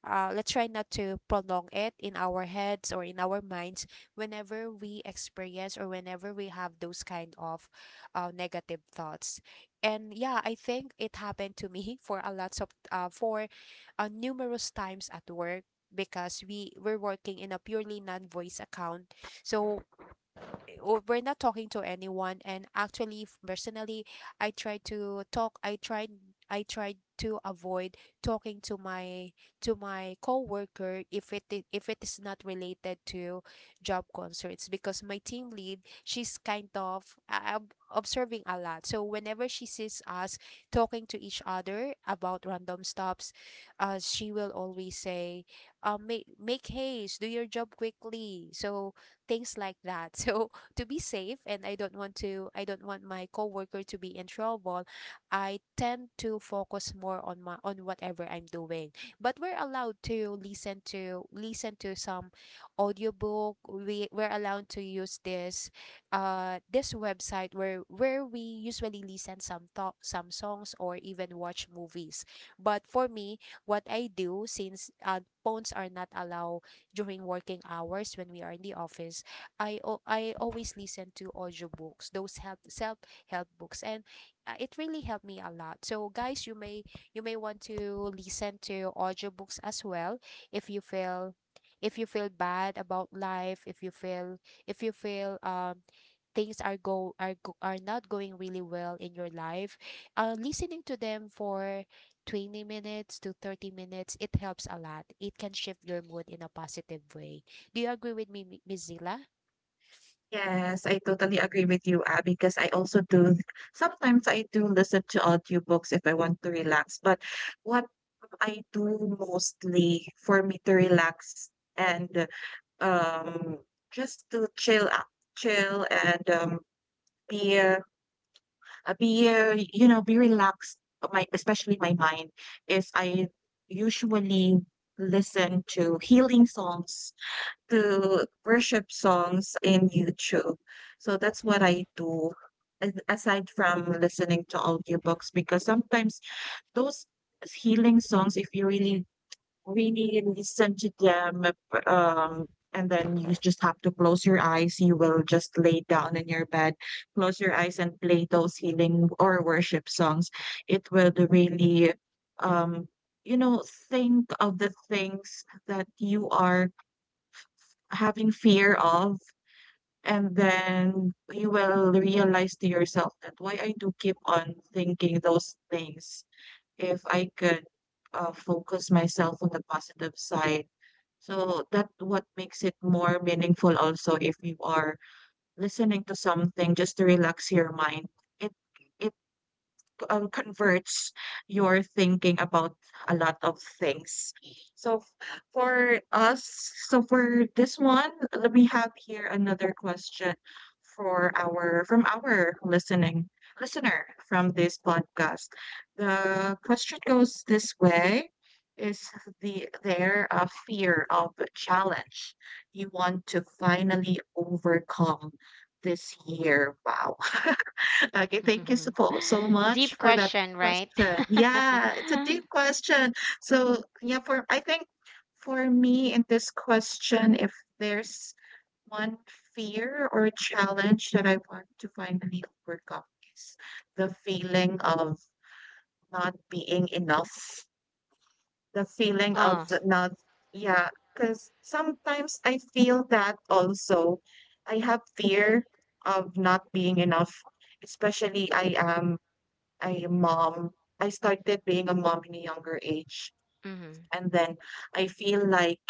Speaker 3: uh, let's try not to prolong it in our heads or in our minds, whenever we experience or whenever we have those kind of uh, negative thoughts. And yeah, I think it happened to me *laughs* for a lots of uh, for uh, numerous times at work, because we were working in a purely non-voice account. So w- we're not talking to anyone. And actually, f- personally, i try to talk i tried i tried to avoid talking to my to my coworker if it i- if it is not related to job concerns, because my team lead, she's kind of uh, ob- observing a lot. So whenever she sees us talking to each other about random stops, uh, she will always say, uh, make make haste, do your job quickly," so things like that. *laughs* So, to be safe, and I don't want to I don't want my coworker to be in trouble, I tend to focus more on my on whatever I'm doing. But we're allowed to listen to listen to some audiobook. We we're allowed to use this uh this website, where where we usually listen some talk, some songs, or even watch movies. But for me, what I do, since uh, phones are not allowed during working hours when we are in the office, I al- I always listen to audiobooks, those help self-help books, and uh, it really helped me a lot. So guys, you may you may want to listen to audiobooks as well. If you feel, if you feel bad about life, if you feel, if you feel um things are go are go, are not going really well in your life, uh, listening to them for twenty minutes to thirty minutes, it helps a lot. It can shift your mood in a positive way. Do you agree with me, Mi- Miss Zila?
Speaker 2: Yes, I totally agree with you, Abby, because I also do sometimes I do listen to audiobooks if I want to relax, but what I do mostly for me to relax and um, just to chill out, chill and um, be uh, uh, be uh, you know be relaxed. uh, My especially my mind is I usually listen to healing songs, to worship songs in YouTube. So that's what I do. as- Aside from listening to audiobooks, because sometimes those healing songs, if you really really listen to them um and then you just have to close your eyes, you will just lay down in your bed, close your eyes and play those healing or worship songs. It will really um you know think of the things that you are having fear of, and then you will realize to yourself that why I do keep on thinking those things if I could uh, focus myself on the positive side. So that what makes it more meaningful also if you are listening to something just to relax your mind. It um, converts your thinking about a lot of things. So f- for us, so for this one, l- we have here another question for our from our listening listener from this podcast. The question goes this way. Is the there a fear of challenge you want to finally overcome this year? Wow. *laughs* Okay, thank you so po so
Speaker 1: *laughs* Deep
Speaker 2: much for that
Speaker 1: question, right?
Speaker 2: question. Yeah, it's a deep
Speaker 1: *laughs*
Speaker 2: question. So, yeah, for I think for me in this question, if there's one fear or challenge that I want to finally overcome is the feeling of not being enough, the feeling of
Speaker 1: Oh,
Speaker 2: not, yeah, because sometimes I feel that also. I have fear of not being enough, especially I am I mom I started being a mom in a younger age,
Speaker 1: mm,
Speaker 2: and then I feel like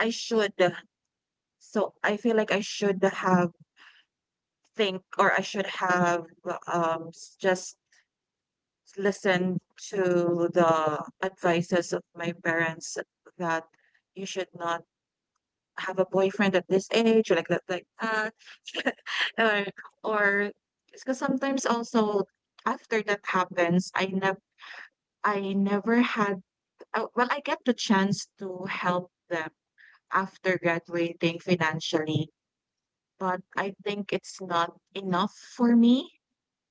Speaker 2: I should so I feel like I should have think or I should have um s- just listened to the advices of my parents that you should not have a boyfriend at this age or like that like that *laughs* or or because sometimes also after that happens I never I never had, oh, well, I get the chance to help them after graduating financially, but I think it's not enough for me.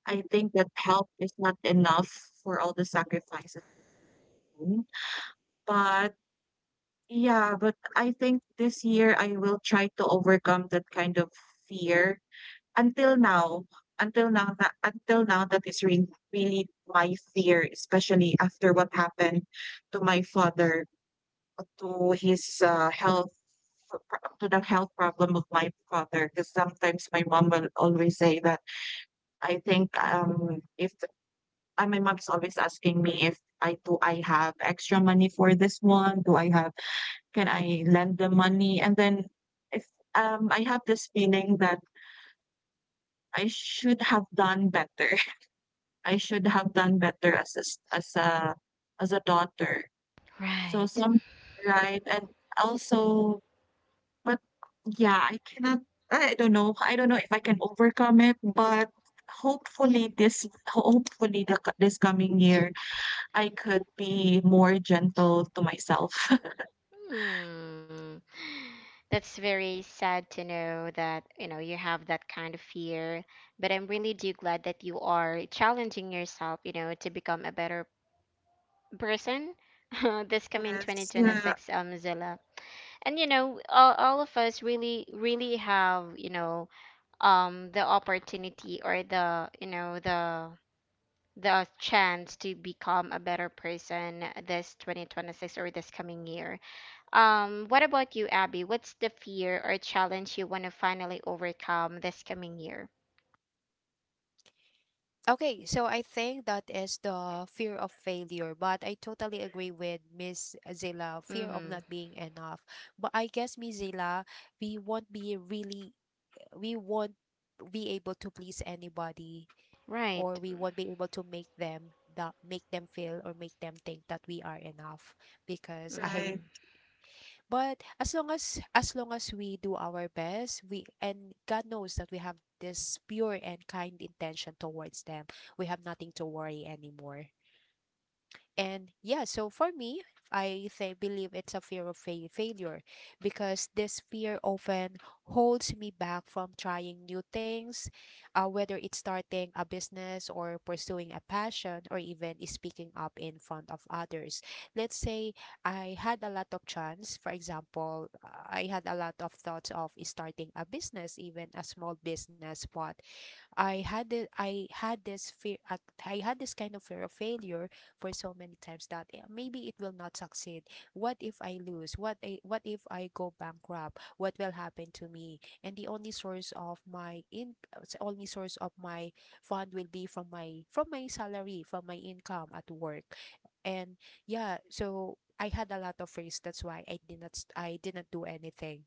Speaker 2: I think that help is not enough for all the sacrifices I made. But yeah, but I think this year I will try to overcome that kind of fear. Until now, until now that until now that is re- really my fear, especially after what happened to my father, to his uh, health for pro- to the health problem of my father, because sometimes my mom will always say that I think um if uh, my mom's always asking me if I do I have extra money for this one, do I have, can I lend the money. And then if um I have this feeling that I should have done better *laughs* I should have done better as a, s- as a as a daughter, so
Speaker 1: right.
Speaker 2: some right and also. But yeah, I cannot, I don't know. I don't know if I can overcome it, but hopefully this hopefully the co this coming year, I could be more gentle to myself. *laughs*
Speaker 1: Mm. That's very sad to know that, you know, you have that kind of fear. But I'm really do glad that you are challenging yourself, you know, to become a better person *laughs* this coming
Speaker 2: Yes, yeah,
Speaker 1: twenty twenty-six, um, Zilla. And you know, all, all of us really, really have, you know, um, the opportunity or the, you know, the the chance to become a better person this twenty twenty-six or this coming year. Um, what about you, Abby? What's the fear or challenge you want to finally overcome this coming year?
Speaker 3: Okay, so I think that is the fear of failure, but I totally agree with Miss Zila, fear of
Speaker 1: Mm-hmm.
Speaker 3: not being enough. But I guess, Miss Zila, we won't be really, we won't be able to please anybody, or
Speaker 1: Right.
Speaker 3: we won't be able to make them that make them feel, or make them think that we are enough, because *laughs* I —
Speaker 2: right,
Speaker 1: Mm.
Speaker 3: but as long as as long as we do our best, we, and God knows that we have this pure and kind intention towards them, we have nothing to worry anymore. And yeah, so for me, I think believe it's a fear of fa- failure, because this fear often holds me back from trying new things, uh, whether it's starting a business, or pursuing a passion, or even speaking up in front of others. Let's say I had a lot of chance. For example, I had a lot of thoughts of starting a business, even a small business, but I had it. I had this fear. at- I had this kind of fear of failure for so many times that, eh, maybe it will not succeed. What if I lose? What I, what if I go bankrupt? What will happen to me? And the only source of my in uh, s- only source of my fund will be from my from my salary, from my income at work. And yeah, so I had a lot of fears. That's why I did not st- I didn't do anything.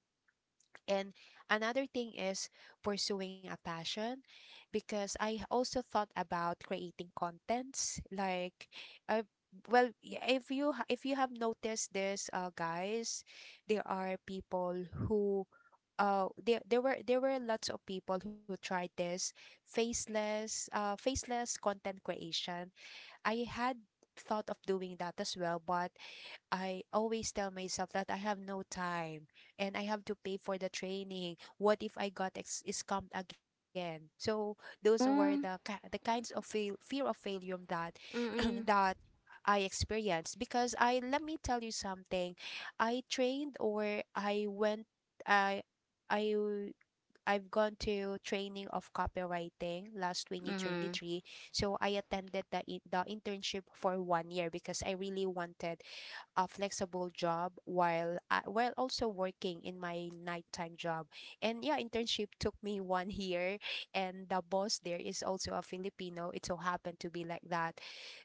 Speaker 3: And another thing is pursuing a passion, because I also thought about creating contents, like, I well y- if you ha- if you have noticed this, uh guys, there are people who — uh there there were there were lots of people who tried this faceless uh faceless content creation. I had thought of doing that as well, but I always tell myself that I have no time, and I have to pay for the training. What if I got ex- scamped again? So those were the
Speaker 1: Mm,
Speaker 3: ki- the kinds of fail- fear of failure that *clears throat*
Speaker 1: mm-mm.
Speaker 3: that I experienced, because I — let me tell you something. I trained or I went I I I've gone to training of copywriting last
Speaker 1: Mm-hmm.
Speaker 3: twenty twenty-three. So I attended the in- the internship for one year, because I really wanted a flexible job while uh, while also working in my nighttime job. And yeah, internship took me *laughs* one year, and the boss there is also a Filipino. It so happened to be like that,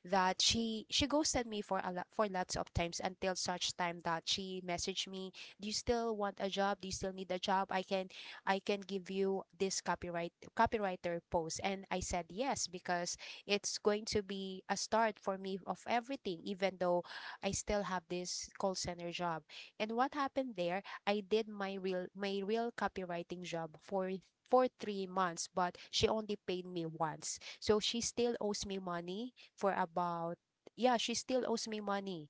Speaker 3: that she she ghosted me for a lot for lots of times, until such time that she messaged me, "Do you still want a job? Do you still need a job? I can I can give you this copyright copywriter post." And I said yes, because it's going to be a start for me of everything, even though I still have this call center job. And what happened there, I did my real my real copywriting job for for three months, but she only paid me once. So she still owes me money for about — yeah, she still owes me money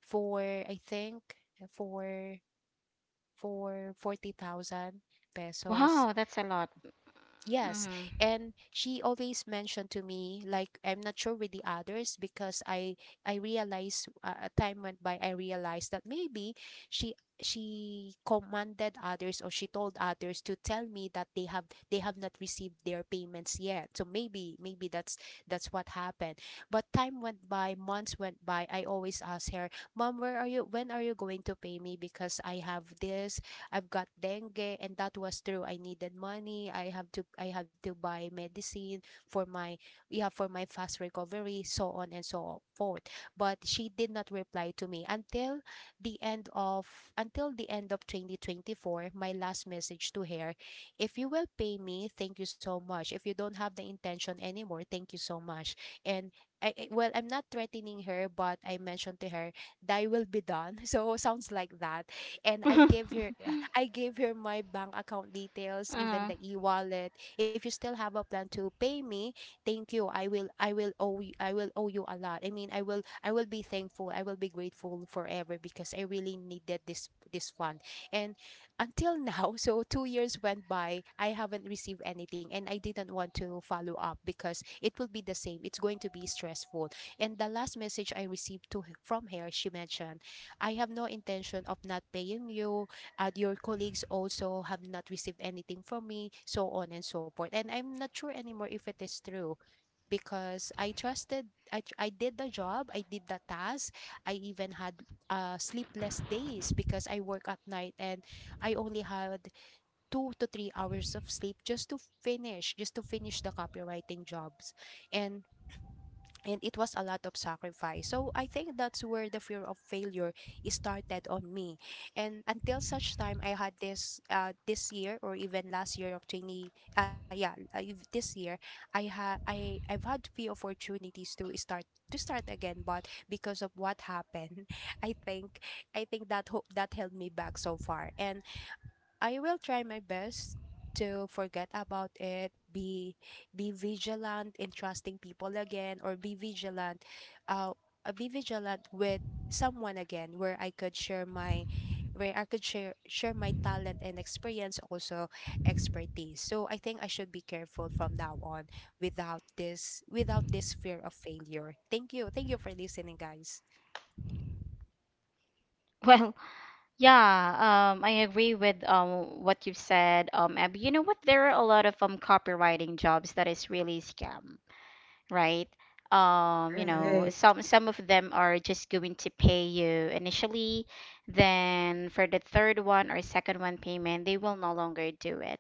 Speaker 3: for, I think, for for forty thousand pesos.
Speaker 1: Wow, that's a lot.
Speaker 3: Yes,
Speaker 1: Mm-hmm.
Speaker 3: and she always mentioned to me, like, I'm not sure with the others, because I I realized, uh, a time went by, I realized that maybe she she commanded others, or she told others to tell me that they have they have not received their payments yet. So maybe maybe that's that's what happened. But time went by, months went by. I always ask her, "Mom, where are you? When are you going to pay me? Because I have this I've got dengue, and that was true. I needed money. I have to I have to buy medicine for my yeah for my fast recovery, so on and so forth. But she did not reply to me, until the end of until the end of twenty twenty-four. My last message to her: if you will pay me, thank you so much. If you don't have the intention anymore, thank you so much. And I, I- well, I'm not threatening her, but I mentioned to her, "Thy will be done." *laughs* So sounds like that, and I gave her
Speaker 1: *laughs*
Speaker 3: I gave her my bank account details, even
Speaker 1: Uh-huh.
Speaker 3: the e-wallet. If you still have a plan to pay me, thank you. I will I will owe you, I will owe you a lot. I mean, I will I will be thankful. I will be grateful forever, because I really needed this this fund. And until *laughs* now, so two years went by, I haven't received anything, and I didn't want to follow up, because it will be the same. It's going to be stressful. And the last message I received to from her, she mentioned, "I have no intention of not paying you. Uh, your colleagues also have not received anything from me, so on and so forth." And I'm not sure anymore if it is true, because I trusted — I, tr- I did the job, I did the task. I even had uh, sleepless days, because I work at night, and I only had two to three hours of sleep just to finish, just to finish the copywriting jobs. And and it was a lot of sacrifice. So I think that's where the fear of failure started on me. And until such time, I had this uh this year, or even last year of twenty, uh yeah uh, if- this year, I had I I've had few opportunities to start to start again, but because of what happened, *laughs* I think I think that hope that held me back so far. And I will try my best to forget about it, be be vigilant in trusting people again, or be vigilant uh uh, be vigilant with someone again, where I could share my where I could share share my talent and experience, also expertise. So I think I should be careful from now on, without this without this fear of failure. Thank you. Thank you for listening, guys.
Speaker 1: Well, yeah, um, I agree with um, what you've said, um, Abby. You know what? There are a lot of um, copywriting jobs that is really scam, right? Um, you know,
Speaker 2: right.
Speaker 1: some some of them are just going to pay you initially, then for the third one or second one payment, they will no longer do it.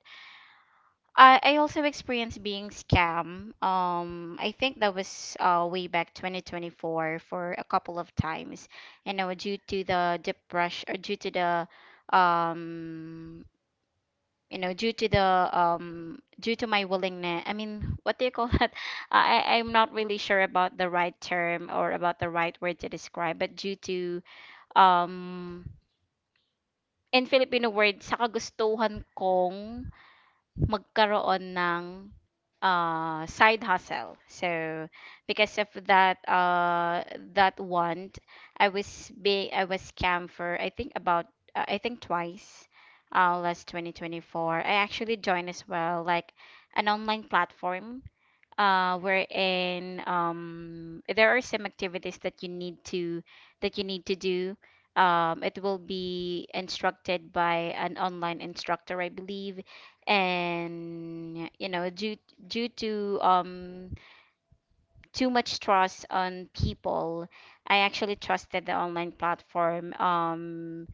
Speaker 1: I, I also experienced being scam. Um, I think that was uh, way back twenty twenty-four for a couple of times. You know, due to the depression or due to the um you know due to the um due to my willingness I mean, *laughs* what do you call that? *laughs* i I- i'm not really sure about the right term or about the right word to describe, but due to um in Filipino word, sa kagustuhan kong magkaroon ng, ah, side hustle. So, because of that, uh, that want, I was being I was scammed for I think about uh, I think twice, uh, last twenty twenty-four. I actually joined as well like an online platform, uh, wherein um, there are some activities that you need to that you need to do. Um, it will be instructed by an online instructor, I believe, and you know, due due to um, too much trust on people, I actually trusted the online platform, um,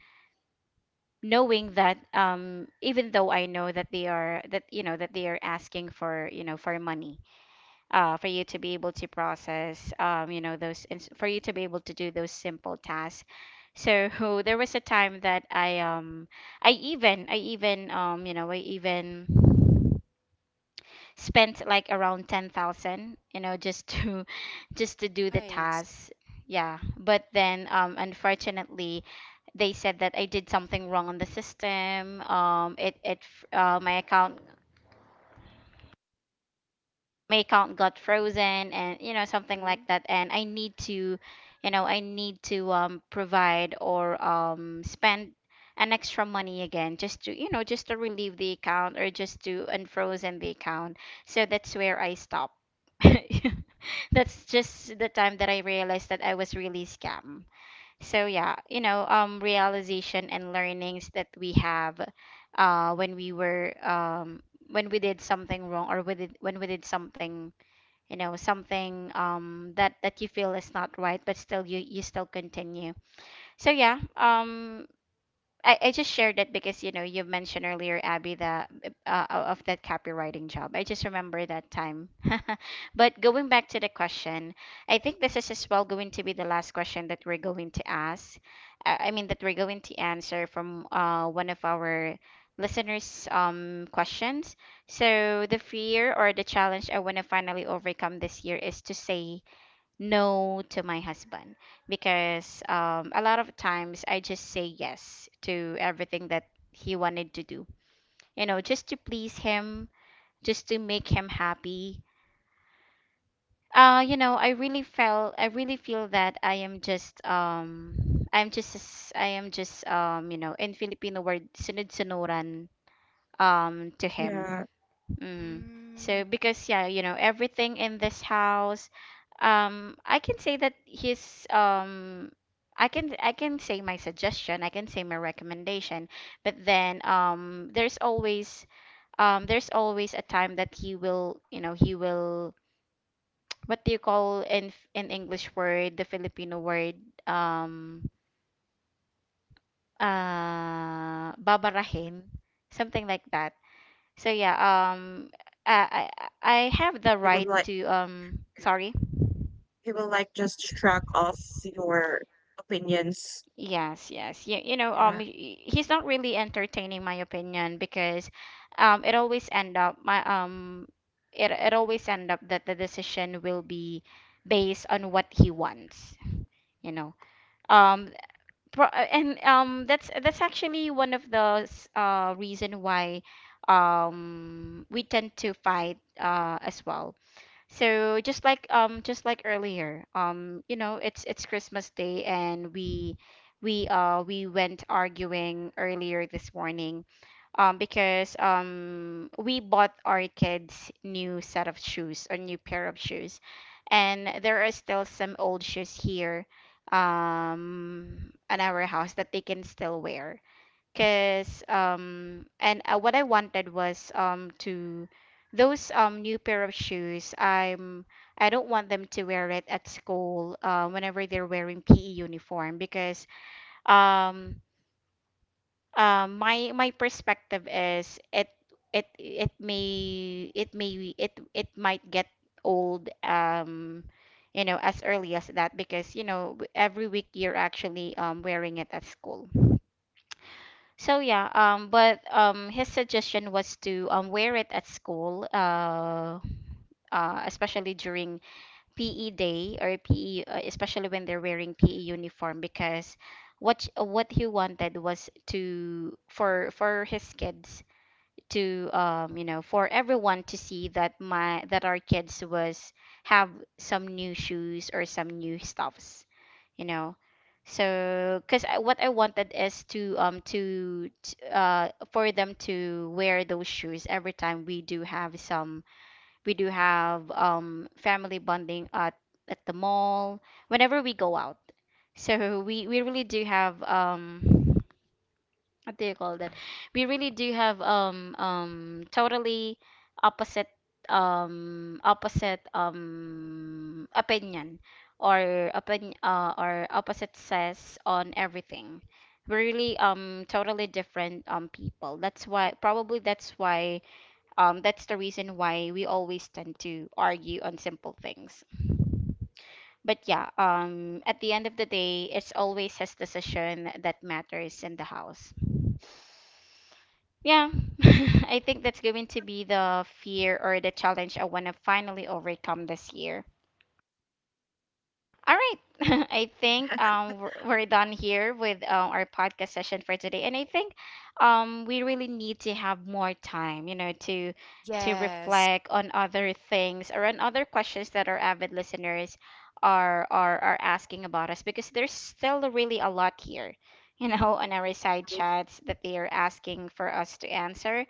Speaker 1: knowing that um, even though I know that they are that you know that they are asking for you know for money, uh, for you to be able to process, um, you know, those, ins- for you to be able to do those simple tasks. So *laughs* there was a time that I, um, I even, I even, um, you know, I even spent like around ten thousand, you know, just to, *laughs* just to do the
Speaker 3: Nice.
Speaker 1: tasks. Yeah. But then, um, unfortunately, they said that I did something wrong on the system. Um, it, it, f- uh, my account my account got frozen and you know something like
Speaker 3: Mm-mm.
Speaker 1: that, and I need to, you know, I need to um, provide or um, spend an extra money again just to, you know, just to relieve the account or just to unfrozen the account. So that's where I stop. *laughs* That's just the time that I realized that I was really scammed. So yeah, you know, um, realization and learnings that we have, uh, when we were um when we did something wrong or we did when we did something, you know, something um that that you feel is not right, but still you you still continue. So yeah, um, I, I just shared that because you know you mentioned earlier, Abby, the uh, of that copywriting job. I just remember that time. *laughs* But going back to the question, I think this is as well going to be the last question that we're going to ask. Uh, I mean that we're going to answer from uh, one of our listeners' um, questions. So the fear or the challenge I want to finally overcome this year is to say no to my husband because um, a lot of times I just say yes to everything that he wanted to do. You know, just to please him, just to make him happy. Uh, you know, I really felt, I really feel that I am just, um, I'm just, s- I am just, um, you know, in Filipino word, sunod-sunuran, um, to him.
Speaker 2: Yeah.
Speaker 1: Mm. So
Speaker 3: Mm,
Speaker 1: because yeah, you know, everything in this house, um, I can say that his um I can, I can say my suggestion, I can say my recommendation, but then um there's always um there's always a time that he will, you know, he will, what do you call in in English word, the Filipino word, um uh babarahin, something like that. So yeah, um, I I I have the
Speaker 2: He would
Speaker 1: right
Speaker 2: like
Speaker 1: to um. Sorry.
Speaker 2: he will like just shrug off your opinions.
Speaker 1: Yes, yes. You, you know, um,
Speaker 2: Yeah.
Speaker 1: he- he's not really entertaining my opinion because, um, it always end up my um, it, it always end up that the decision will be based on what he wants. You know, um, pro- uh, and um, that's that's actually one of the s- uh reason why, um, we tend to fight uh as well. So just like um just like earlier, um you know, it's it's Christmas Day and we we uh we went arguing earlier this morning um because um we bought our kids new set of shoes, a new pair of shoes. And there are still some old shoes here um at our house that they can still wear. Cause um and uh, what I wanted was um to those um new pair of shoes I'm I don't want them to wear it at school, uh, whenever they're wearing P E uniform because um um my my perspective is it it it may it may it it might get old, um you know, as early as that because you know every week you're actually um wearing it at school. So yeah, um, but um, his suggestion was to um, wear it at school, uh, uh, especially during P E day or P E, uh, especially when they're wearing P E uniform, because what sh- what he wanted was to for for his kids to um, you know, for everyone to see that my that our kids was have some new shoes or some new stuffs, you know. So because I, what I wanted is to um to, to uh for them to wear those shoes every time we do have some we do have um family bonding at at the mall whenever we go out. So we we really do have um what do you call that? We really do have um um totally opposite um opposite um opinion or opinion uh, or opposite says on everything. We're really um totally different um people. That's why probably that's why um that's the reason why we always tend to argue on simple things. But yeah, um at the end of the day, it's always his decision that matters in the house. Yeah, *laughs* I think that's going to be the fear or the challenge I want to finally overcome this year. All right. *laughs* I think um, we're we're done here with uh, our podcast session for today, and I think um, we really need to have more time, you know, to to
Speaker 3: yes.
Speaker 1: reflect on other things or on other questions that our avid listeners are are are asking about us because there's still really a lot here, you know, *laughs* on our side chats that they are asking for us to answer.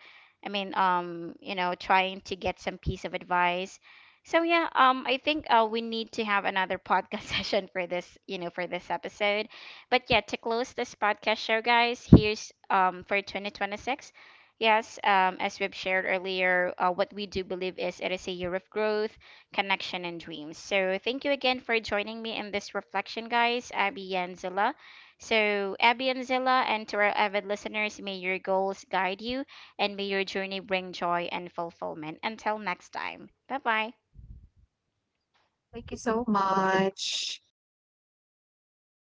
Speaker 1: I mean, um, you know, trying to get some piece of advice. So yeah, um, I think uh, we need to have another podcast *laughs* session for this, you know, for this episode. But yeah, to close this podcast show, guys, here's um for twenty twenty-six. Yes, um, as we've shared earlier, uh, what we do believe is it is a year of growth, connection, and dreams. So thank you again for joining me in this reflection, guys, Abby and Zilla. So Abby and Zilla, and to our avid listeners, may your goals guide you, and may your journey bring joy and fulfillment. Until next time, bye bye.
Speaker 2: Thank you so much.